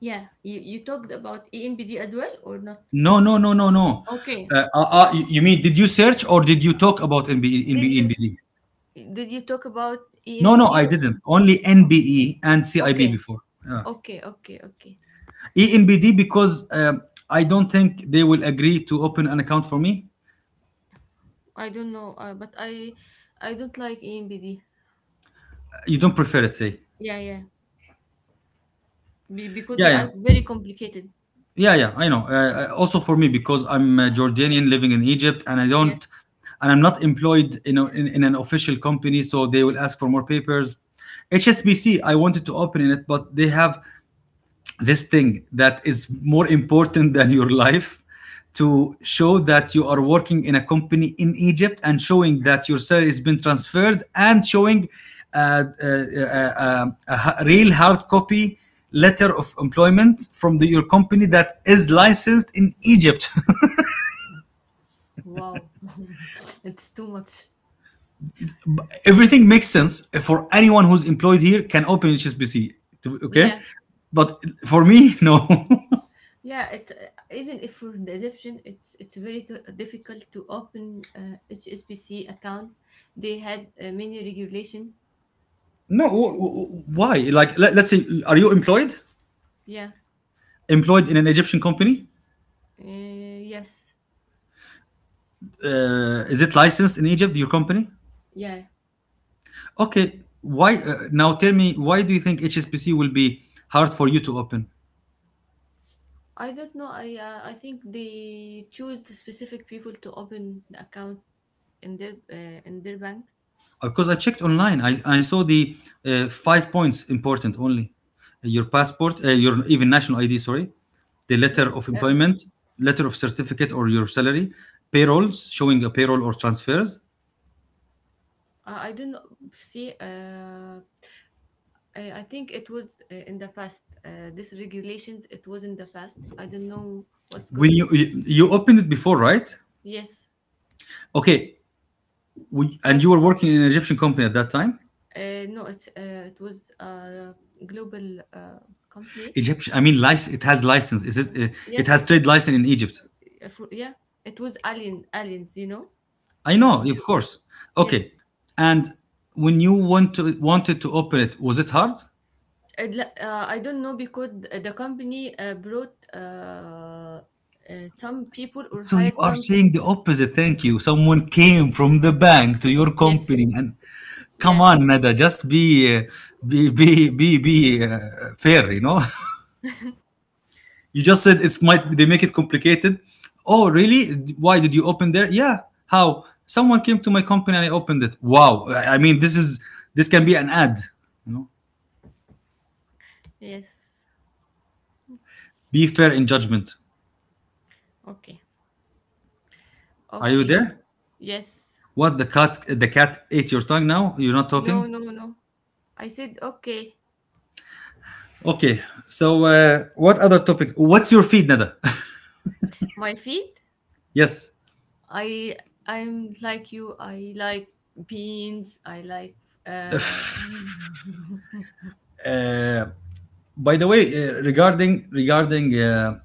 Speaker 2: Yeah, you, you talked about E N B D as well or not?
Speaker 1: No, no, no, no, no.
Speaker 2: Okay.
Speaker 1: Uh, uh, uh, you you mean did you search or did you talk about N B E,
Speaker 2: Did
Speaker 1: N B E,
Speaker 2: you
Speaker 1: NBD?
Speaker 2: did you talk about
Speaker 1: No, no,
Speaker 2: E N B D?
Speaker 1: I didn't. Only NBE and C I B
Speaker 2: Okay,
Speaker 1: before. Yeah.
Speaker 2: okay, okay, okay.
Speaker 1: E N B D because um, I don't think they will agree to open an account for me.
Speaker 2: I don't know, uh, but I I don't like E N B D.
Speaker 1: You don't prefer it, say?
Speaker 2: Yeah, yeah, be- because
Speaker 1: Yeah,
Speaker 2: they are
Speaker 1: yeah,
Speaker 2: very complicated.
Speaker 1: yeah, yeah. I know. Uh, uh, also for me because I'm a Jordanian living in Egypt, and I don't,
Speaker 2: Yes.
Speaker 1: and I'm not employed in a, in, in an official company, so they will ask for more papers. H S B C, I wanted to open in it, but they have this thing that is more important than your life to show that you are working in a company in Egypt and showing that your salary has been transferred and showing uh, uh, uh, uh, a real hard copy letter of employment from the, your company that is licensed in Egypt.
Speaker 2: Wow, it's too much.
Speaker 1: Everything makes sense for anyone who's employed here can open H S B C. to- Okay,
Speaker 2: Yeah,
Speaker 1: but for me, no.
Speaker 2: yeah. It uh, Even if for the adoption, it's it's very co- difficult to open uh, H S B C account. They had uh, many regulations.
Speaker 1: No, wh- wh- why? Like, let, let's say, are you employed?
Speaker 2: Yeah.
Speaker 1: Employed in an Egyptian company?
Speaker 2: Uh, yes.
Speaker 1: Uh, is it licensed in Egypt, your company?
Speaker 2: Yeah.
Speaker 1: Okay, why uh, now tell me why do you think H S B C will be hard for you to open?
Speaker 2: I don't know. I uh, I think they choose the specific people to open the account in their uh, in their bank.
Speaker 1: Because I checked online, I, I saw the uh, five points important only. Uh, your passport, uh, your even national I D, sorry, the letter
Speaker 2: Maybe
Speaker 1: of
Speaker 2: um,
Speaker 1: employment, letter of certificate or your salary, payrolls showing a payroll or transfers.
Speaker 2: I I don't know. See, uh, I, I think it was uh, in the past. Uh, this regulations, it was in the past. I don't know what's going.
Speaker 1: When you, you, you opened it before, right?
Speaker 2: Yes,
Speaker 1: Okay, we, and
Speaker 2: but
Speaker 1: you were working in an Egyptian company at that time?
Speaker 2: Uh, no, it uh, it was a global uh, company.
Speaker 1: Egyptian. I mean, lic- it has license. Is it? Eh, it has
Speaker 2: Yes,
Speaker 1: trade license in Egypt.
Speaker 2: uh, for, yeah, it was Alien Aliens. You know,
Speaker 1: I
Speaker 2: uh,
Speaker 1: know, of
Speaker 2: ju-
Speaker 1: course.
Speaker 2: yes.
Speaker 1: Okay. And when you want to wanted to open it, was it hard?
Speaker 2: I'd li- uh, I don't know because th- the company uh, brought uh, uh, some people or
Speaker 1: So you
Speaker 2: hired
Speaker 1: are
Speaker 2: some.
Speaker 1: saying the opposite. Thank you. Someone came from the bank to your
Speaker 2: Yes,
Speaker 1: company, and come
Speaker 2: yeah,
Speaker 1: on, Nada, just be uh, be be be be uh, fair. You know. You just said it's might they make it complicated. Oh, really? Why did you open there? Yeah. How? Someone came to my company and I opened it. Wow. I I mean, this is, this can be an ad. You know.
Speaker 2: yes.
Speaker 1: Be fair in judgment.
Speaker 2: Okay,
Speaker 1: Are you
Speaker 2: okay.
Speaker 1: there?
Speaker 2: Yes.
Speaker 1: What the cat? The cat ate your tongue. Now you're not
Speaker 2: No,
Speaker 1: talking.
Speaker 2: no, no. I said okay.
Speaker 1: Okay. So uh, what other topic? What's your feed, Nada?
Speaker 2: My feet.
Speaker 1: Yes.
Speaker 2: I I'm like you. I like beans. I like uh
Speaker 1: Uh, by the way, uh, regarding regarding. Uh,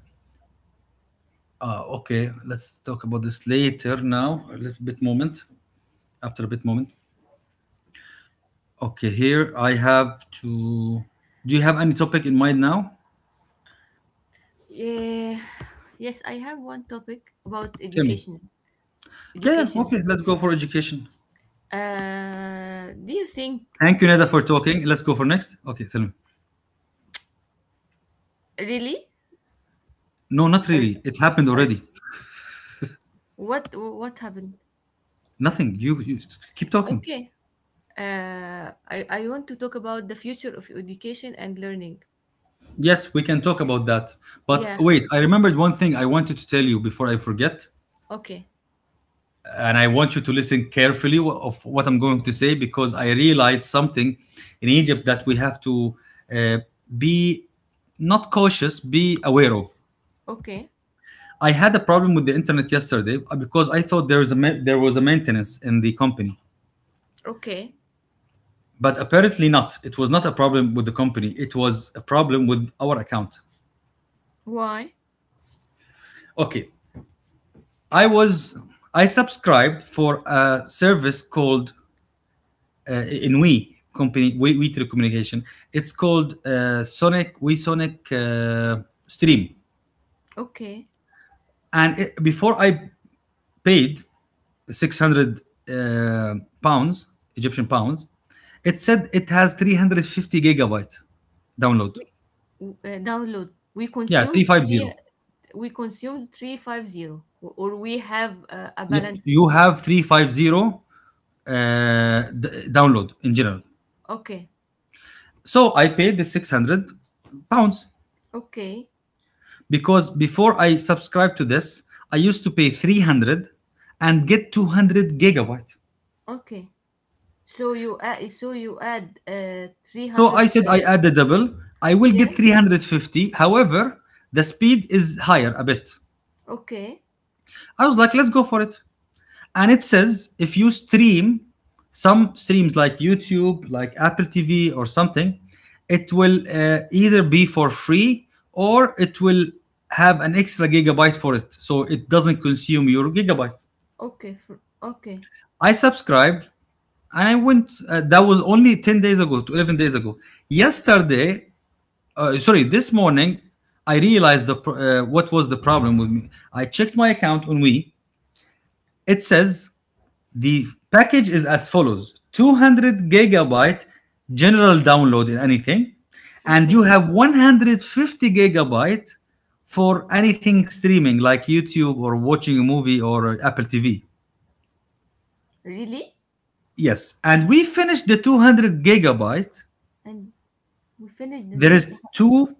Speaker 1: uh, okay, let's talk about this later now. A little bit moment after a bit moment. Okay, here I have to. Do you have any topic in mind now?
Speaker 2: yeah. Yes, I have one topic about
Speaker 1: Tell me.
Speaker 2: education.
Speaker 1: Yeah, yeah,
Speaker 2: Education.
Speaker 1: okay, let's go for education.
Speaker 2: Uh, do you think
Speaker 1: Thank you, Neda,
Speaker 2: uh,
Speaker 1: for talking. Let's go for next. Okay, tell me.
Speaker 2: really?
Speaker 1: No, not
Speaker 2: Are,
Speaker 1: really. It happened
Speaker 2: are,
Speaker 1: already.
Speaker 2: what what happened?
Speaker 1: Nothing. You, you keep talking.
Speaker 2: Okay. Uh, I I want to talk about the future of education and learning.
Speaker 1: Yes, we can talk about that. But
Speaker 2: Yeah.
Speaker 1: wait, I remembered one thing I wanted to tell you before I forget.
Speaker 2: Okay.
Speaker 1: And I want you to listen carefully wh- of what I'm going to say because I realized something in Egypt that we have to uh, be not cautious, be aware of.
Speaker 2: Okay.
Speaker 1: I had a problem with the internet yesterday uh, because I thought there is a ma- there was a maintenance in the company,
Speaker 2: Okay.
Speaker 1: but apparently not. It was not a problem with the company. It was a problem with our account.
Speaker 2: Why?
Speaker 1: Okay, I was I subscribed for a service called uh, in We company, We We Telecommunication. It's called uh, Sonic We Sonic uh, Stream,
Speaker 2: Okay.
Speaker 1: and it, before I paid six hundred uh, pounds, Egyptian pounds, it said it has three hundred fifty gigabyte download.
Speaker 2: We, uh, download. We
Speaker 1: Yeah,
Speaker 2: consume
Speaker 1: three hundred fifty.
Speaker 2: three we consumed three hundred fifty or we have uh, a
Speaker 1: You
Speaker 2: balance.
Speaker 1: you have three hundred fifty uh, d- download in general.
Speaker 2: Okay,
Speaker 1: So I paid the six hundred pounds
Speaker 2: okay,
Speaker 1: because before I subscribed to this, I used to pay three hundred and get two hundred gigabyte.
Speaker 2: okay. So you add, so you add uh,
Speaker 1: So
Speaker 2: three hundred,
Speaker 1: I said
Speaker 2: uh,
Speaker 1: I add the double. I will
Speaker 2: yeah.
Speaker 1: get three hundred fifty. However, the speed is higher a bit.
Speaker 2: Okay,
Speaker 1: I was like, let's go for it. And it says if you stream some streams like YouTube, like Apple T V or something, it will uh, either be for free or it will have an extra gigabyte for it. So it doesn't consume your gigabyte.
Speaker 2: okay, fr- okay.
Speaker 1: I subscribed and I went, uh, that was only ten days ago to eleven days ago. Yesterday, uh, sorry, this morning, I realized the pro- uh, what was the problem with me. I checked my account on We. It says the package is as follows: two hundred gigabyte general download in anything, and
Speaker 2: Okay,
Speaker 1: you have one hundred fifty gigabyte for anything streaming like YouTube or watching a movie or uh, Apple TV.
Speaker 2: really.
Speaker 1: Yes, and we finished the two hundred gigabyte.
Speaker 2: And we finished the,
Speaker 1: There
Speaker 2: the
Speaker 1: is two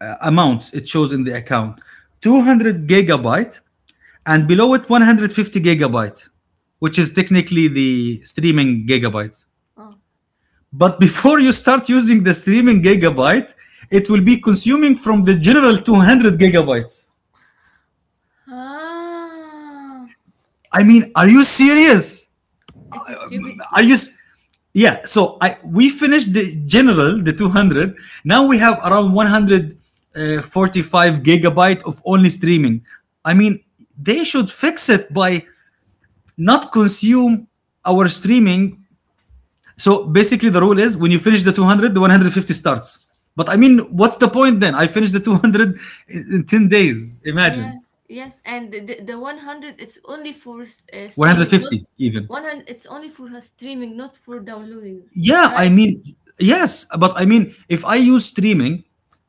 Speaker 1: uh, amounts it shows in the account. two hundred gigabyte and below it one hundred fifty gigabytes, which is technically the streaming gigabytes,
Speaker 2: oh.
Speaker 1: but before you start using the streaming gigabyte it will be consuming from the general two hundred gigabytes.
Speaker 2: Ah,
Speaker 1: I mean, are you serious?
Speaker 2: it's
Speaker 1: Are
Speaker 2: stupidity.
Speaker 1: you... Yeah, so I we finished the general, the two hundred. Now we have around one hundred forty-five gigabyte of only streaming. I mean, they should fix it by not consume our streaming. So basically, the rule is when you finish the two hundred, the one hundred fifty starts. But I mean, what's the point then? I finished the two hundred in ten days.
Speaker 2: Yeah,
Speaker 1: Imagine.
Speaker 2: yes, and the, the, the one hundred, it's only for uh, streaming, not
Speaker 1: one hundred fifty even.
Speaker 2: one hundred, it's only for uh, streaming, not for downloading.
Speaker 1: Yeah, I
Speaker 2: Right.
Speaker 1: mean, yes, but I mean, if I use streaming,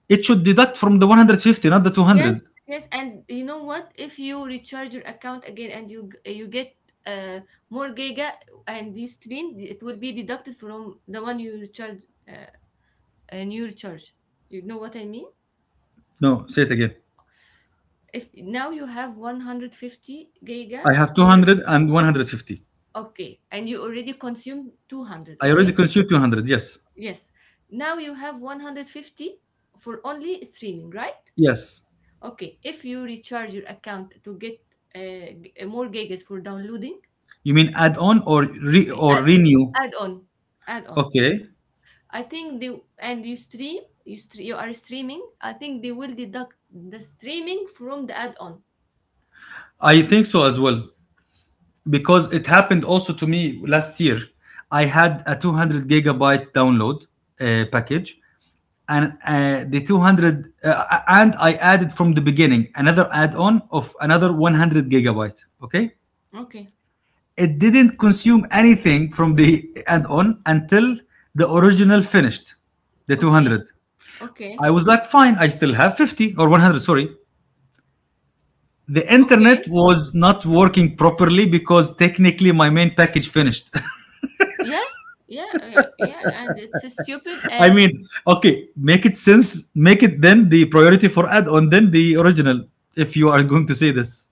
Speaker 1: it should deduct from the one hundred fifty, not the
Speaker 2: Yes,
Speaker 1: two hundred.
Speaker 2: yes, and you know what? If you recharge your account again and you g- you get uh, more giga and you stream, it will be deducted from the one you recharge, uh, and you recharge. You know what I mean?
Speaker 1: No, say it again.
Speaker 2: If now you have one hundred fifty giga
Speaker 1: I have two
Speaker 2: for,
Speaker 1: hundred and one hundred fifty.
Speaker 2: okay, and you already consumed two hundred,
Speaker 1: I already
Speaker 2: okay?
Speaker 1: consumed two hundred. Yes.
Speaker 2: Yes. Now you have one hundred fifty for only streaming, right?
Speaker 1: Yes.
Speaker 2: Okay. If you recharge your account to get uh, g- more gigas for downloading,
Speaker 1: You mean add on or re- or renew?
Speaker 2: add on, add on.
Speaker 1: Okay.
Speaker 2: I think they and you stream you stre- you are streaming. I think they will deduct the streaming from the add on.
Speaker 1: I think so as well, because it happened also to me last year. I had a two hundred gigabyte download uh, package, and uh, the two hundred, uh, and I added from the beginning another add-on of another one hundred gigabyte. Okay,
Speaker 2: Okay,
Speaker 1: it didn't consume anything from the add-on until the original finished, the two hundred.
Speaker 2: okay, okay,
Speaker 1: I was like, fine, I still have fifty or one hundred. Sorry. The internet
Speaker 2: okay.
Speaker 1: was not working properly because technically my main package finished.
Speaker 2: Yeah, yeah, yeah, yeah, and it's stupid
Speaker 1: I
Speaker 2: and
Speaker 1: mean, okay, make it sense, make it then the priority for add on, then the original, if you are going to say this.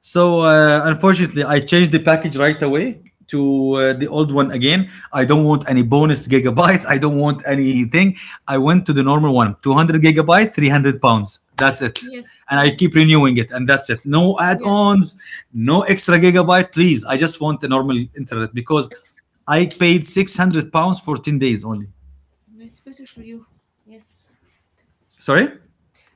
Speaker 1: So, uh, unfortunately, I changed the package right away to uh, the old one again. I don't want any bonus gigabytes, I don't want anything. I went to the normal one, two hundred gigabyte, three hundred pounds. That's it.
Speaker 2: yes,
Speaker 1: And I
Speaker 2: yeah,
Speaker 1: keep renewing it, and that's it. No add
Speaker 2: yeah.
Speaker 1: ons, no extra gigabyte, please. I just want the normal internet because
Speaker 2: it's
Speaker 1: I paid six hundred pounds for ten days only.
Speaker 2: it's better for you. Yes,
Speaker 1: Sorry?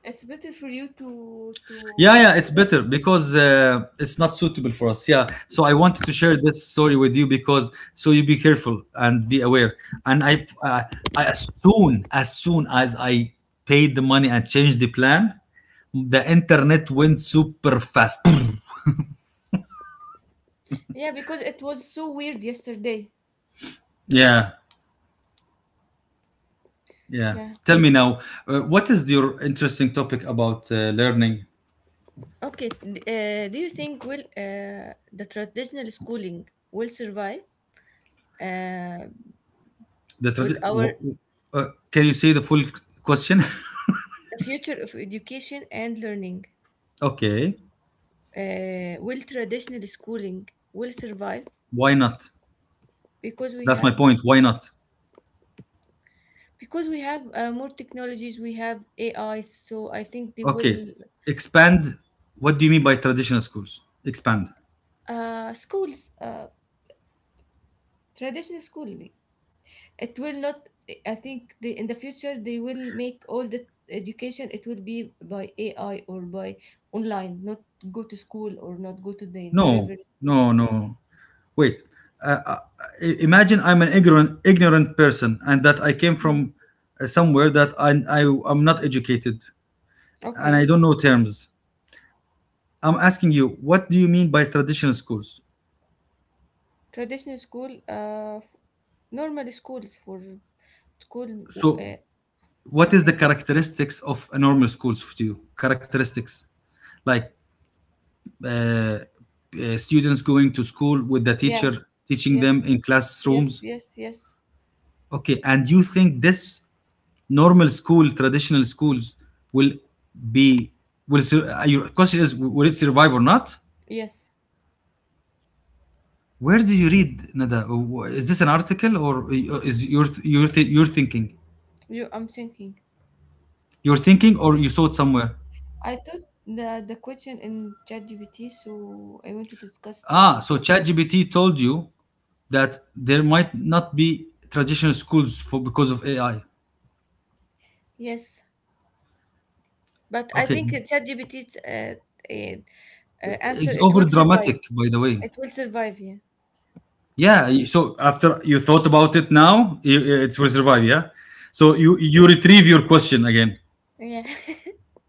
Speaker 2: it's better for you to
Speaker 1: Yeah,
Speaker 2: to
Speaker 1: yeah, it's better because uh, it's not suitable for us. Yeah. So I wanted to share this story with you because so you be careful and be aware. And I, uh, I as soon as soon as I paid the money and changed the plan, the internet went super fast.
Speaker 2: yeah, because it was so weird yesterday.
Speaker 1: yeah, yeah.
Speaker 2: Yeah.
Speaker 1: Tell me now, uh, what is your interesting topic about uh, learning?
Speaker 2: Okay. D- uh, do you think will uh, the traditional schooling will survive uh,
Speaker 1: The
Speaker 2: with
Speaker 1: tradi-
Speaker 2: our
Speaker 1: w- uh, can you say the full question?
Speaker 2: the future of education and learning.
Speaker 1: okay,
Speaker 2: Uh, will traditional schooling will survive?
Speaker 1: why not?
Speaker 2: Because we
Speaker 1: That's my
Speaker 2: have
Speaker 1: point. Why not?
Speaker 2: because we have uh, more technologies. We have AI, so I think they
Speaker 1: Okay,
Speaker 2: will
Speaker 1: expand. What do you mean by traditional schools? Expand.
Speaker 2: uh, schools, uh, traditional school, it will not. I think the, in the future they will make all the education, it will be by AI or by online, not go to school or not go to the
Speaker 1: No,
Speaker 2: university.
Speaker 1: no, no. Wait. Uh, uh, i- Imagine I'm an ignorant, ignorant person, and that I came
Speaker 2: Mhm.
Speaker 1: from uh, somewhere that I, I am not educated, and I
Speaker 2: Okay.
Speaker 1: don't know terms. I'm asking you, what do you mean by traditional schools?
Speaker 2: Traditional school, uh, f- normal schools for school.
Speaker 1: So,
Speaker 2: Uh,
Speaker 1: what is the
Speaker 2: okay.
Speaker 1: characteristics of a normal schools for you? Characteristics, like uh, uh, students going to school with the
Speaker 2: Yeah.
Speaker 1: teacher teaching
Speaker 2: Yes.
Speaker 1: them in
Speaker 2: Yes.
Speaker 1: classrooms.
Speaker 2: Yes. Yes.
Speaker 1: Okay, and you think this normal school, traditional schools, will be will sur- uh, your question is, will it survive or not?
Speaker 2: Yes.
Speaker 1: Where do you read, Nada? Uh, Wh- Is this an article or uh, is your your th- your thinking?
Speaker 2: You. I'm thinking.
Speaker 1: Your thinking, or you saw it somewhere?
Speaker 2: I thought the the question in ChatGPT, so I wanted to discuss it with
Speaker 1: Ah,
Speaker 2: you.
Speaker 1: so ChatGPT told you that there might not be traditional schools for because of A I.
Speaker 2: Yes, but I
Speaker 1: Okay,
Speaker 2: think that ChatGPT's uh, uh, uh, answer,
Speaker 1: it's
Speaker 2: it
Speaker 1: over
Speaker 2: will survive.
Speaker 1: dramatic, by the way.
Speaker 2: It will survive. Yeah.
Speaker 1: Yeah. y- So after you thought about it now, i- it will survive. Yeah. So you you retrieve your question again.
Speaker 2: Yeah.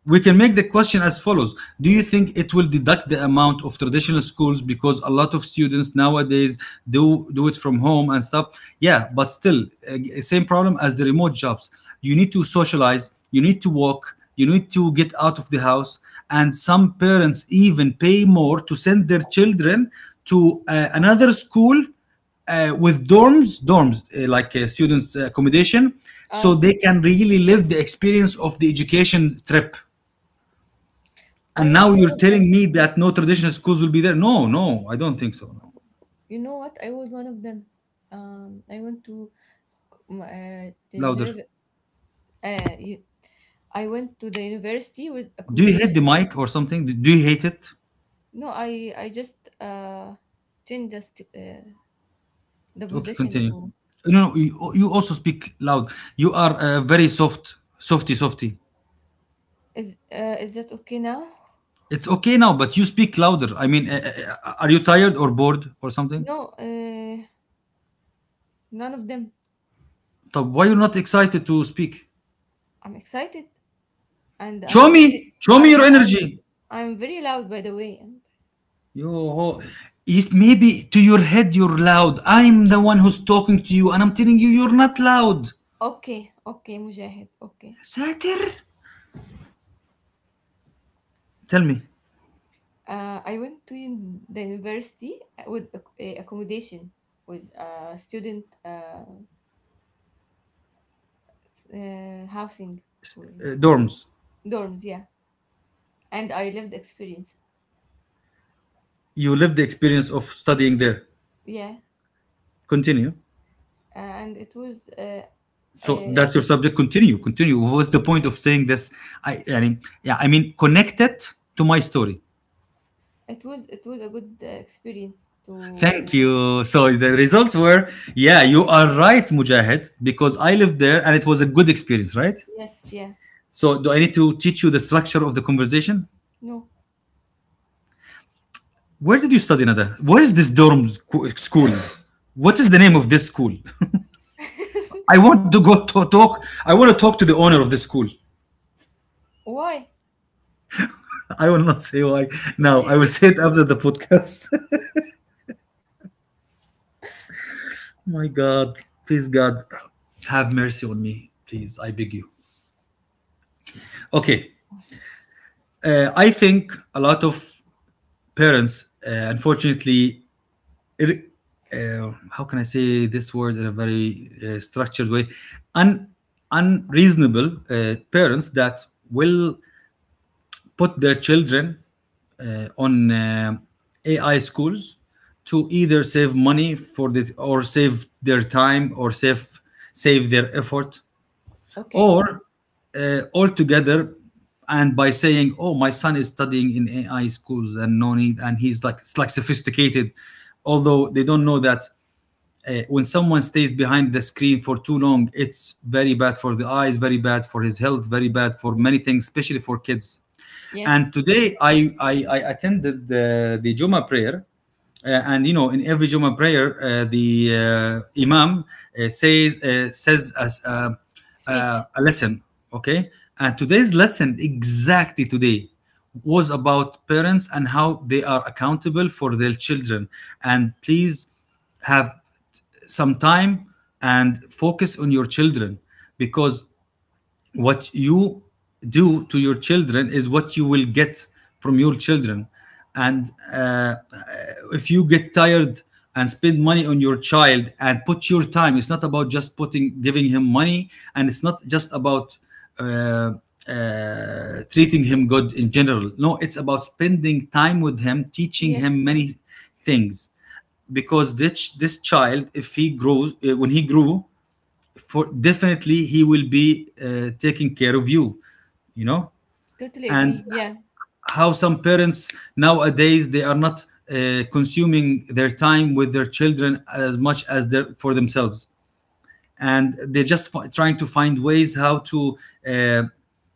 Speaker 1: We can make the question as follows: do you think it will deduct the amount of traditional schools because a lot of students nowadays do, do it from home and stuff? Yeah, but still, uh, same problem as the remote jobs. You need to socialize, you need to walk, you need to get out of the house, and some parents even pay more to send their children to uh, another school uh, with dorms, dorms uh, like uh, students' accommodation, so
Speaker 2: Uh,
Speaker 1: they can really live the experience of the education trip.
Speaker 2: I
Speaker 1: And
Speaker 2: was
Speaker 1: now
Speaker 2: one
Speaker 1: you're
Speaker 2: of
Speaker 1: telling
Speaker 2: them.
Speaker 1: me that no traditional schools will be there? No, no, I don't think so. No.
Speaker 2: You know what? I was one of them. Um, I went to um, uh, the
Speaker 1: Louder.
Speaker 2: nerve, uh, you, I went to the university with
Speaker 1: Do you hate the
Speaker 2: accommodation.
Speaker 1: mic or something? Do do you hate it?
Speaker 2: No, I I just uh changed the st- uh, the
Speaker 1: Okay,
Speaker 2: position
Speaker 1: continue.
Speaker 2: to
Speaker 1: No, no, you, you also speak loud. You are uh, very soft, softy, softy.
Speaker 2: is uh, is that okay now?
Speaker 1: It's okay now, but you speak louder. I mean, uh, uh, are you tired or bored or something?
Speaker 2: No, uh, none of them.
Speaker 1: طب why you're not excited to speak?
Speaker 2: I'm excited and
Speaker 1: Show
Speaker 2: I'm very
Speaker 1: me, show me
Speaker 2: I'm
Speaker 1: your
Speaker 2: I'm,
Speaker 1: energy.
Speaker 2: I'm very loud, by the way. I
Speaker 1: Yo, ho. It maybe to your head you're loud. I'm the one who's talking to you, and I'm telling you you're not loud.
Speaker 2: Okay, okay, Mujahid. Okay.
Speaker 1: ساتر. Tell me,
Speaker 2: Uh, I went to un- the university with ac- uh, accommodation with uh, student uh, s- uh, housing or
Speaker 1: uh, dorms,
Speaker 2: dorms. Yeah. And I lived experience.
Speaker 1: you lived the experience of studying there.
Speaker 2: Yeah,
Speaker 1: Continue.
Speaker 2: uh, and it was uh,
Speaker 1: So
Speaker 2: uh,
Speaker 1: that's your subject. Continue, continue. What's the point of saying this? I, I mean, yeah, I mean, connect it to my story.
Speaker 2: it was it was a good uh, experience
Speaker 1: Thank
Speaker 2: to
Speaker 1: you. So the results were, yeah, you are right, Mujahid, because I lived there and it was a good experience, right?
Speaker 2: yes, yeah.
Speaker 1: So do I need to teach you the structure of the conversation?
Speaker 2: No.
Speaker 1: Where did you study, Nada? Where is this dorm sco- school? What is the name of this school? I want to go to talk. I want to talk to the owner of the school.
Speaker 2: Why?
Speaker 1: I will not say why now. I will say it after the podcast. My God, please, God, have mercy on me, please. I beg you. Okay, uh, I think a lot of parents, uh, unfortunately, ir- uh, how can I say this word in a very uh, structured way? Un- unreasonable uh, parents that will put their children uh, on uh, A I schools to either save money for the, or save their time, or save save their effort,
Speaker 2: Okay,
Speaker 1: or uh, altogether, and by saying, oh, my son is studying in A I schools and no need, and he's like it's like sophisticated, although they don't know that uh, when someone stays behind the screen for too long, it's very bad for the eyes, very bad for his health, very bad for many things, especially for kids. And
Speaker 2: yes.
Speaker 1: today, I, I, I attended the, the Juma prayer. Uh, and you know, in every Juma prayer, uh, the uh, Imam uh, says uh, says as uh, uh,
Speaker 2: Speech.
Speaker 1: a lesson, okay. And today's lesson, exactly today, was about parents and how they are accountable for their children. And please have some time and focus on your children, because what you do to your children is what you will get from your children. And uh, if you get tired and spend money on your child and put your time, it's not about just putting, giving him money, and it's not just about uh, uh, treating him good in general. No, it's about spending time with him, teaching him
Speaker 2: Yes,
Speaker 1: many things, because this this child, if he grows, uh, when he grew, for definitely he will be uh, taking care of you, you know.
Speaker 2: totally
Speaker 1: And
Speaker 2: agree, yeah.
Speaker 1: how some parents nowadays, they are not uh, consuming their time with their children as much as they for themselves, and they're just f- trying to find ways how to uh,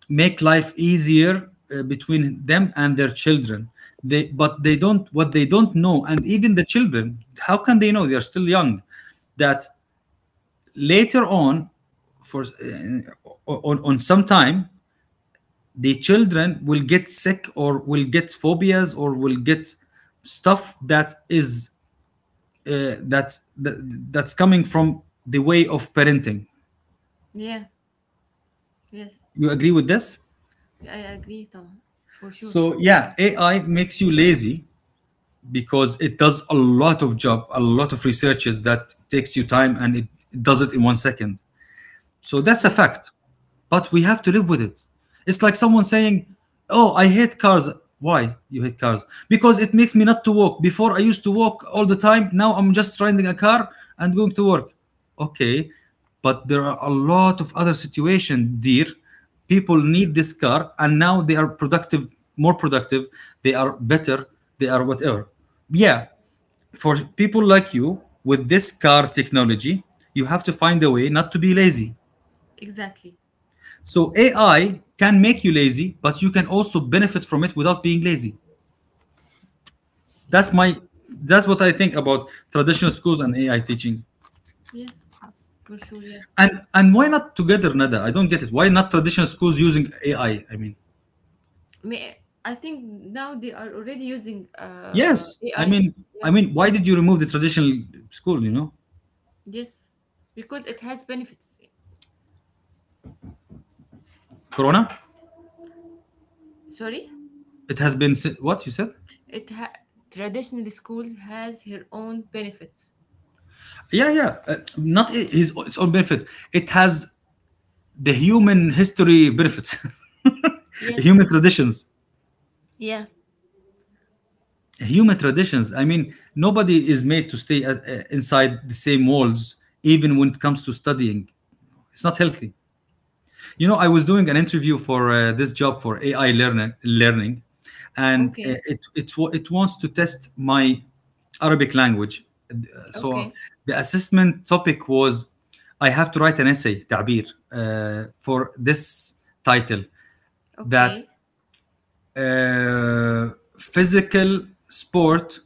Speaker 1: make life easier uh, between them and their children. They, but they don't, what they don't know, and even the children, how can they know, they are still young, that later on, for uh, on, on some time, the children will get sick, or will get phobias, or will get stuff that is uh, that, that that's coming from the way of parenting.
Speaker 2: Yeah, yes.
Speaker 1: You agree with this?
Speaker 2: Yeah, I agree, Tom, for sure.
Speaker 1: So yeah, AI makes you lazy because it does a lot of job, a lot of researches that takes you time, and it does it in one second. So that's a
Speaker 2: Yes,
Speaker 1: fact. But we have to live with it. It's like someone saying, oh, I hate cars. Why you hate cars? Because it makes me not to walk. Before I used to walk all the time. Now I'm just renting a car and going to work. Okay. But there are a lot of other situations, dear. People need this car and now they are productive, more productive, they are better, they are whatever. Yeah, for people like you with this car technology, you have to find a way not to be lazy,
Speaker 2: exactly,
Speaker 1: so A I can make you lazy, but you can also benefit from it without being lazy. That's
Speaker 2: yes.
Speaker 1: my that's what I think about traditional schools and A I teaching.
Speaker 2: Yes, for sure, yeah.
Speaker 1: And and why not together, Nada? I don't get it. Why not traditional schools using A I? I I mean,
Speaker 2: May- I think now they are already using uh,
Speaker 1: yes. I
Speaker 2: A I.
Speaker 1: mean, I
Speaker 2: Yeah.
Speaker 1: mean, why did you remove the traditional school? You know,
Speaker 2: Yes, because it has benefits.
Speaker 1: Corona.
Speaker 2: Sorry,
Speaker 1: It has been si- what you said.
Speaker 2: it ha- traditional school has her own benefits.
Speaker 1: Yeah, yeah. Uh, not i- his its own benefit. It has the human history benefits,
Speaker 2: Yes.
Speaker 1: human traditions.
Speaker 2: Yeah.
Speaker 1: Human traditions, I mean, nobody is made to stay at, uh, inside the same walls, even when it comes to studying. It's not healthy, you know. I was doing an interview for uh, this job for AI learning learning. And uh,
Speaker 2: Okay.
Speaker 1: it it wa- it wants to test my Arabic language. Uh, so
Speaker 2: Okay.
Speaker 1: the assessment topic was, I have to write an essay تعبير uh, for this title, that
Speaker 2: Okay.
Speaker 1: uh, physical sport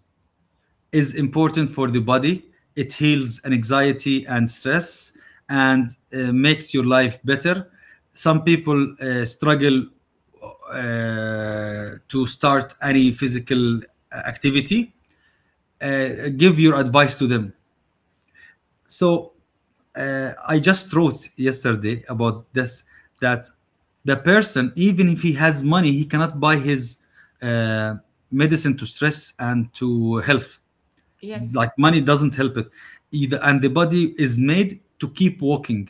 Speaker 1: is important for the body. It heals anxiety and stress, and uh, makes your life better. Some people uh, struggle uh, to start any physical uh, activity. Uh, give your advice to them. So uh, I just wrote yesterday about this, that the person, even if he has money, he cannot buy his uh, medicine to stress and to health. Like,
Speaker 2: Yes.
Speaker 1: money doesn't help it either. And the body is made to keep walking,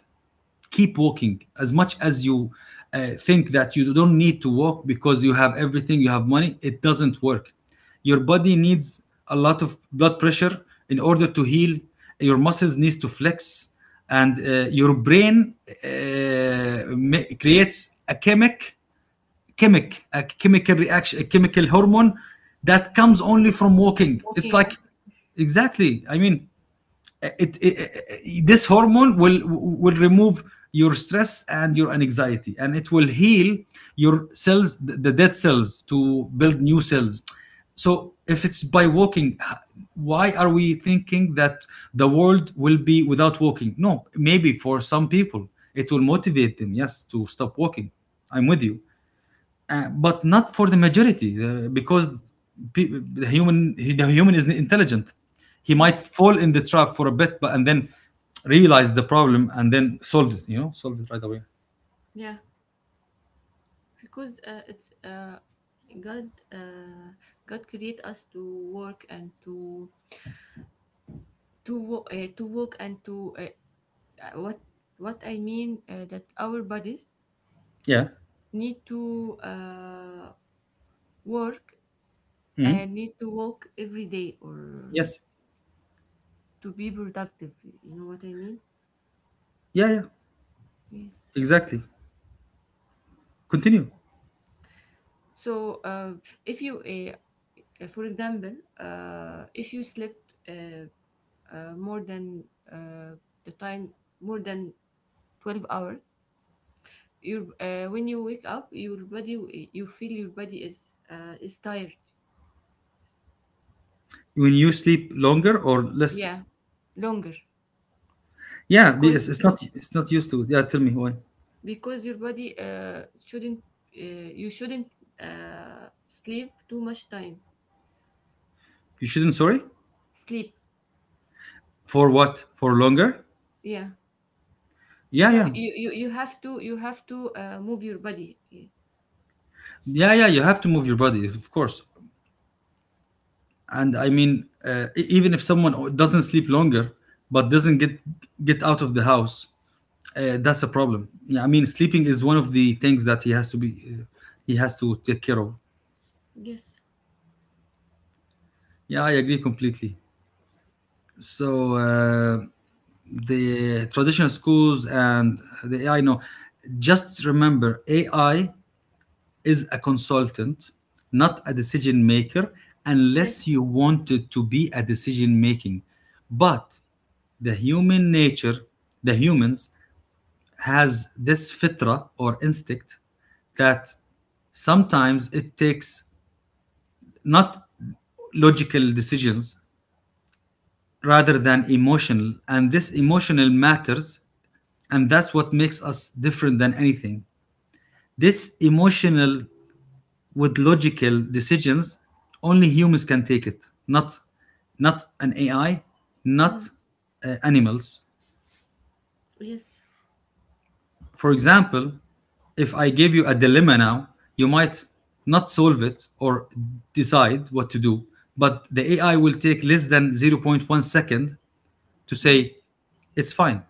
Speaker 1: keep walking, as much as you uh, think that you don't need to walk because you have everything, you have money, it doesn't work. Your body needs a lot of blood pressure in order to heal. Your muscles needs to flex, and uh, your brain uh, ma- creates a chemic chemic a chemical reaction, a chemical hormone that comes only from walking. It's like,
Speaker 2: Walking.
Speaker 1: exactly, I mean, it, it, it- this hormone will will remove your stress and your anxiety, and it will heal your cells, the the dead cells, to build new cells. So if it's by walking, h- why are we thinking that the world will be without walking? No, maybe for some people it will motivate them, yes, to stop walking. I'm with you, uh, but not for the majority, uh, because pe- the human the human is intelligent. He might
Speaker 2: Yes.
Speaker 1: fall in the trap for a bit, but and then realize the problem and then solve it, you know solve it right away.
Speaker 2: Yeah. Because uh, it's uh, God. Uh, God create us to work and to to wo- uh, to work and to uh, uh, what what I mean uh, that our bodies
Speaker 1: Yeah.
Speaker 2: need to uh, work. I
Speaker 1: Mhm.
Speaker 2: need to walk every day or
Speaker 1: Yes.
Speaker 2: to be productive. You know what I mean?
Speaker 1: Yeah, yeah.
Speaker 2: Yes.
Speaker 1: Exactly. Continue.
Speaker 2: So uh, if you, uh, uh, for example, uh, if you slept uh, uh, more than uh, the time, more than twelve hours, your uh, when you wake up, your body, you feel your body is uh, is tired.
Speaker 1: When you sleep longer or less?
Speaker 2: Yeah, longer.
Speaker 1: Yeah, be-
Speaker 2: because
Speaker 1: it's, it's not it's not used to it. Yeah, tell me why.
Speaker 2: because your body uh, shouldn't, uh, you shouldn't uh, sleep too much time.
Speaker 1: You shouldn't, sorry,
Speaker 2: Sleep
Speaker 1: for what, for longer?
Speaker 2: yeah,
Speaker 1: Yeah,
Speaker 2: because
Speaker 1: yeah.
Speaker 2: you you, you have to you have to uh, move your body. Yeah.
Speaker 1: Yeah, yeah, you have to move your body, of course. And I mean, uh, e- even if someone doesn't sleep longer but doesn't get get out of the house, uh, that's a problem. Yeah, I mean, sleeping is one of the things that he has to be uh, he has to take care of.
Speaker 2: Yes,
Speaker 1: Yeah, I agree completely. So uh, the traditional schools and the AI, no, just remember, AI is a consultant, not a decision maker, unless
Speaker 2: yes,
Speaker 1: you wanted to be a decision making. But the human nature, the humans, has this fitra or instinct that sometimes it takes not logical decisions, rather than emotional, and this emotional matters. And that's what makes us different than anything, this emotional with logical decisions. Only humans can take it, not not an AI,
Speaker 2: mm.
Speaker 1: not uh, animals,
Speaker 2: Yes,
Speaker 1: for example. If I give you a dilemma now, you might not solve it or decide what to do, but the AI will take less than zero point zero point one second to say
Speaker 2: mm.
Speaker 1: it's fine.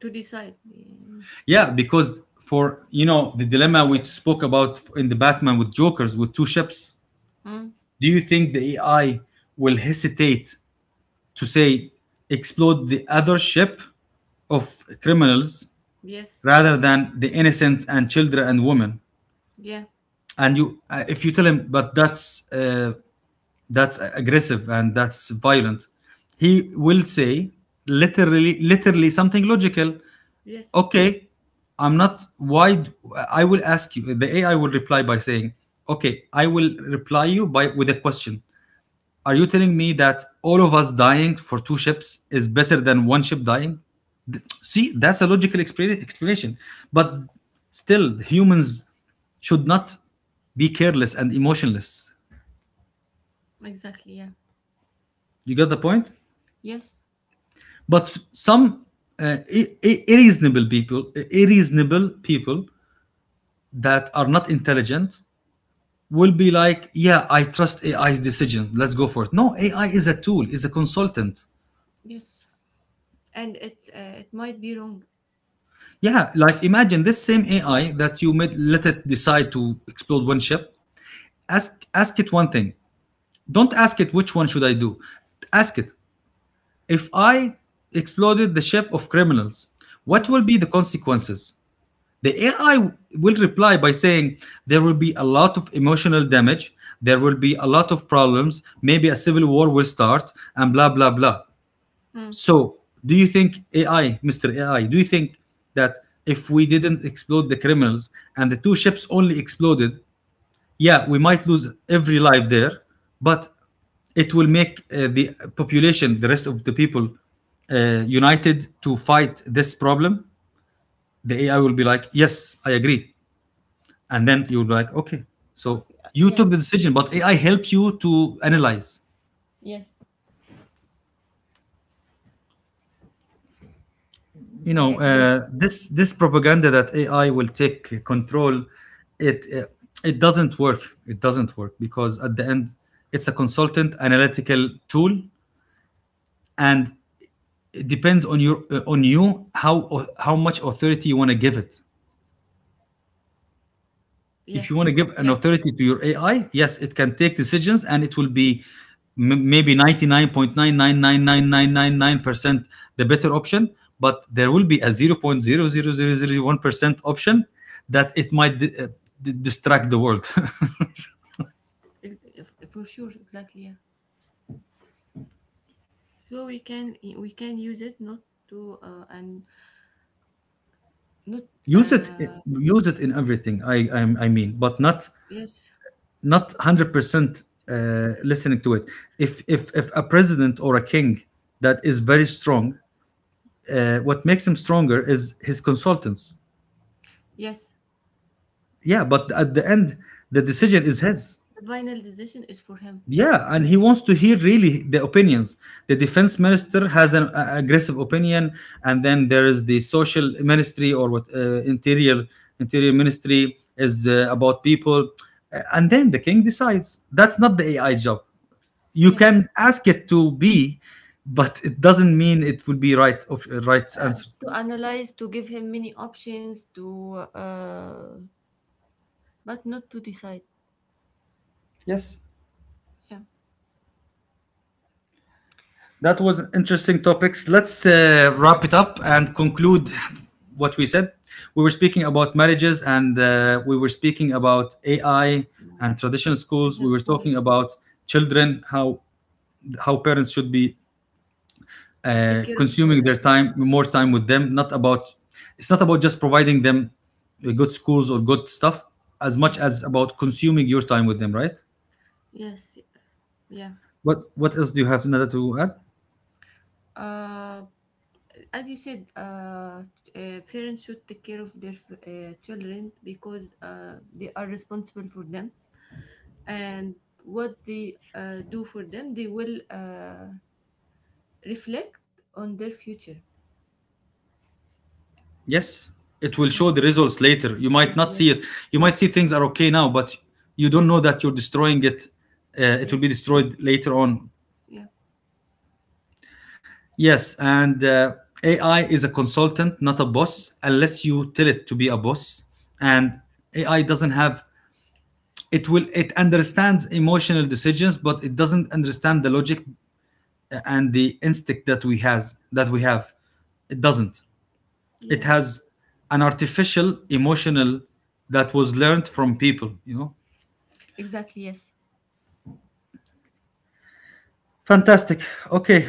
Speaker 2: To decide. Yeah.
Speaker 1: Yeah, because, for you know, the dilemma we spoke about in the Batman, with Jokers, with two ships,
Speaker 2: Mm.
Speaker 1: do you think the AI will hesitate to say explode the other ship of criminals
Speaker 2: Yes,
Speaker 1: rather than the innocent and children and women?
Speaker 2: yeah,
Speaker 1: And you, uh, if you tell him, but that's uh, that's aggressive and that's violent, he will say literally, literally something logical.
Speaker 2: yes,
Speaker 1: Okay, I'm not why d- I will ask you, the AI will reply by saying, okay, I will reply you by with a question. Are you telling me that all of us dying for two ships is better than one ship dying? See, that's a logical expla- explanation. But still, humans should not be careless and emotionless.
Speaker 2: exactly, yeah,
Speaker 1: You got the point?
Speaker 2: yes,
Speaker 1: But some uh, i- i- irreasonable people, irreasonable people that are not intelligent will be like, yeah, I trust AI's decision. Let's go for it. No, A I is a tool, is a consultant.
Speaker 2: yes. And it uh, it might be wrong.
Speaker 1: Yeah, like, imagine this same A I that you made, let it decide to explode one ship. Ask ask it one thing. Don't ask it which one should I do. Ask it, if I exploded the ship of criminals, what
Speaker 2: Mm.
Speaker 1: will be the consequences? The A I will reply by saying there will be a lot of emotional damage, there will be a lot of problems, maybe a civil war will start, and blah blah blah.
Speaker 2: Mm.
Speaker 1: So, do you think A I, mister A I, do you think that if we didn't explode the criminals and the two ships only exploded, yeah, we might lose every life there, but it will make uh, the population the rest of the people uh, united to fight this problem. The AI will be like, yes, I agree. And then you'll be like, okay, so
Speaker 2: Okay, uh,
Speaker 1: you
Speaker 2: yeah.
Speaker 1: took the decision, but AI helps you to analyze.
Speaker 2: Yes,
Speaker 1: you
Speaker 2: I
Speaker 1: know
Speaker 2: agree.
Speaker 1: uh, this this propaganda that AI will take control, it uh, it doesn't work it doesn't work, because at the end it's a consultant, analytical tool. And it depends on your uh, on you, how uh, how much authority you want to give it. If you
Speaker 2: Yes,
Speaker 1: want to give an
Speaker 2: yeah.
Speaker 1: authority to your AI, yes, it can take decisions, and it will be m- maybe ninety nine point nine nine nine nine nine nine nine percent the better option, but there will be a zero point zero zero zero zero one percent option that it might di- uh, d- distract the world.
Speaker 2: Ex- f- for sure, exactly, yeah. So we can we can use it, not to uh, and not
Speaker 1: use it uh,
Speaker 2: uh,
Speaker 1: Use it in everything, i i, I mean, but not,
Speaker 2: yes,
Speaker 1: not one hundred percent uh, listening to it. If, if, if a president or a king that is very strong, uh, what makes him stronger is his consultants.
Speaker 2: yes.
Speaker 1: Yeah, but at the end, the decision is his.
Speaker 2: The final decision is for him. Yeah.
Speaker 1: Yeah, and he wants to hear really the opinions. The defense minister has an uh, aggressive opinion, and then there is the social ministry, or what, uh, interior interior ministry, is uh, about people. Uh, and then the king decides. That's not the A I job. You
Speaker 2: Yes.
Speaker 1: can ask it to be, but it doesn't mean it will be right, op- right
Speaker 2: Uh,
Speaker 1: answer.
Speaker 2: to analyze, to give him many options, to uh, but not to decide.
Speaker 1: Yes.
Speaker 2: Yeah,
Speaker 1: That was an interesting topics. Let's uh, wrap it up and conclude what we said. We were speaking about marriages, and uh, we were speaking about A I and traditional schools. We were talking
Speaker 2: exactly.
Speaker 1: about children, how how parents should be
Speaker 2: Uh,
Speaker 1: uh,
Speaker 2: take care of.
Speaker 1: consuming
Speaker 2: Uh,
Speaker 1: their time, more time
Speaker 2: yes,
Speaker 1: with them. Not about It's not about just providing them uh, good schools or good stuff, as much
Speaker 2: yes,
Speaker 1: as about consuming your time with them, right?
Speaker 2: yes. Yeah.
Speaker 1: What what else do you have, Nada, to add?
Speaker 2: Uh, as you said, uh, uh, parents should take care of their uh, children because uh, they are responsible for them, and what they uh, do for them, they will uh, reflect on their future.
Speaker 1: Yes, it will show the
Speaker 2: Yeah.
Speaker 1: results later. You might
Speaker 2: Yeah.
Speaker 1: not see
Speaker 2: Yes.
Speaker 1: it. You might see things are okay now, but you don't
Speaker 2: Yeah,
Speaker 1: know that you're destroying it. Uh, it will be
Speaker 2: yes,
Speaker 1: destroyed later on.
Speaker 2: yeah,
Speaker 1: Yes, and uh, A I is a consultant, not a boss, unless you tell it to be a boss. And A I doesn't have, it will it understands emotional decisions, but it doesn't understand the logic uh, and the instinct that we has that we have. It doesn't. It
Speaker 2: yeah,
Speaker 1: has an artificial emotional that was learned from people, you know.
Speaker 2: exactly. Yes,
Speaker 1: Fantastic. Okay.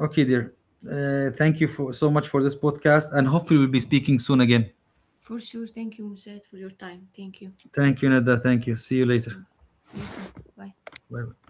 Speaker 1: Okay, dear, uh, thank you for so much for this podcast, and hopefully we'll be speaking soon again.
Speaker 2: for sure. Thank you, Mushed, for your time. Thank you.
Speaker 1: Thank you, Nada. Thank you, see you later.
Speaker 2: Thank you. Thank you. Bye.
Speaker 1: Bye bye.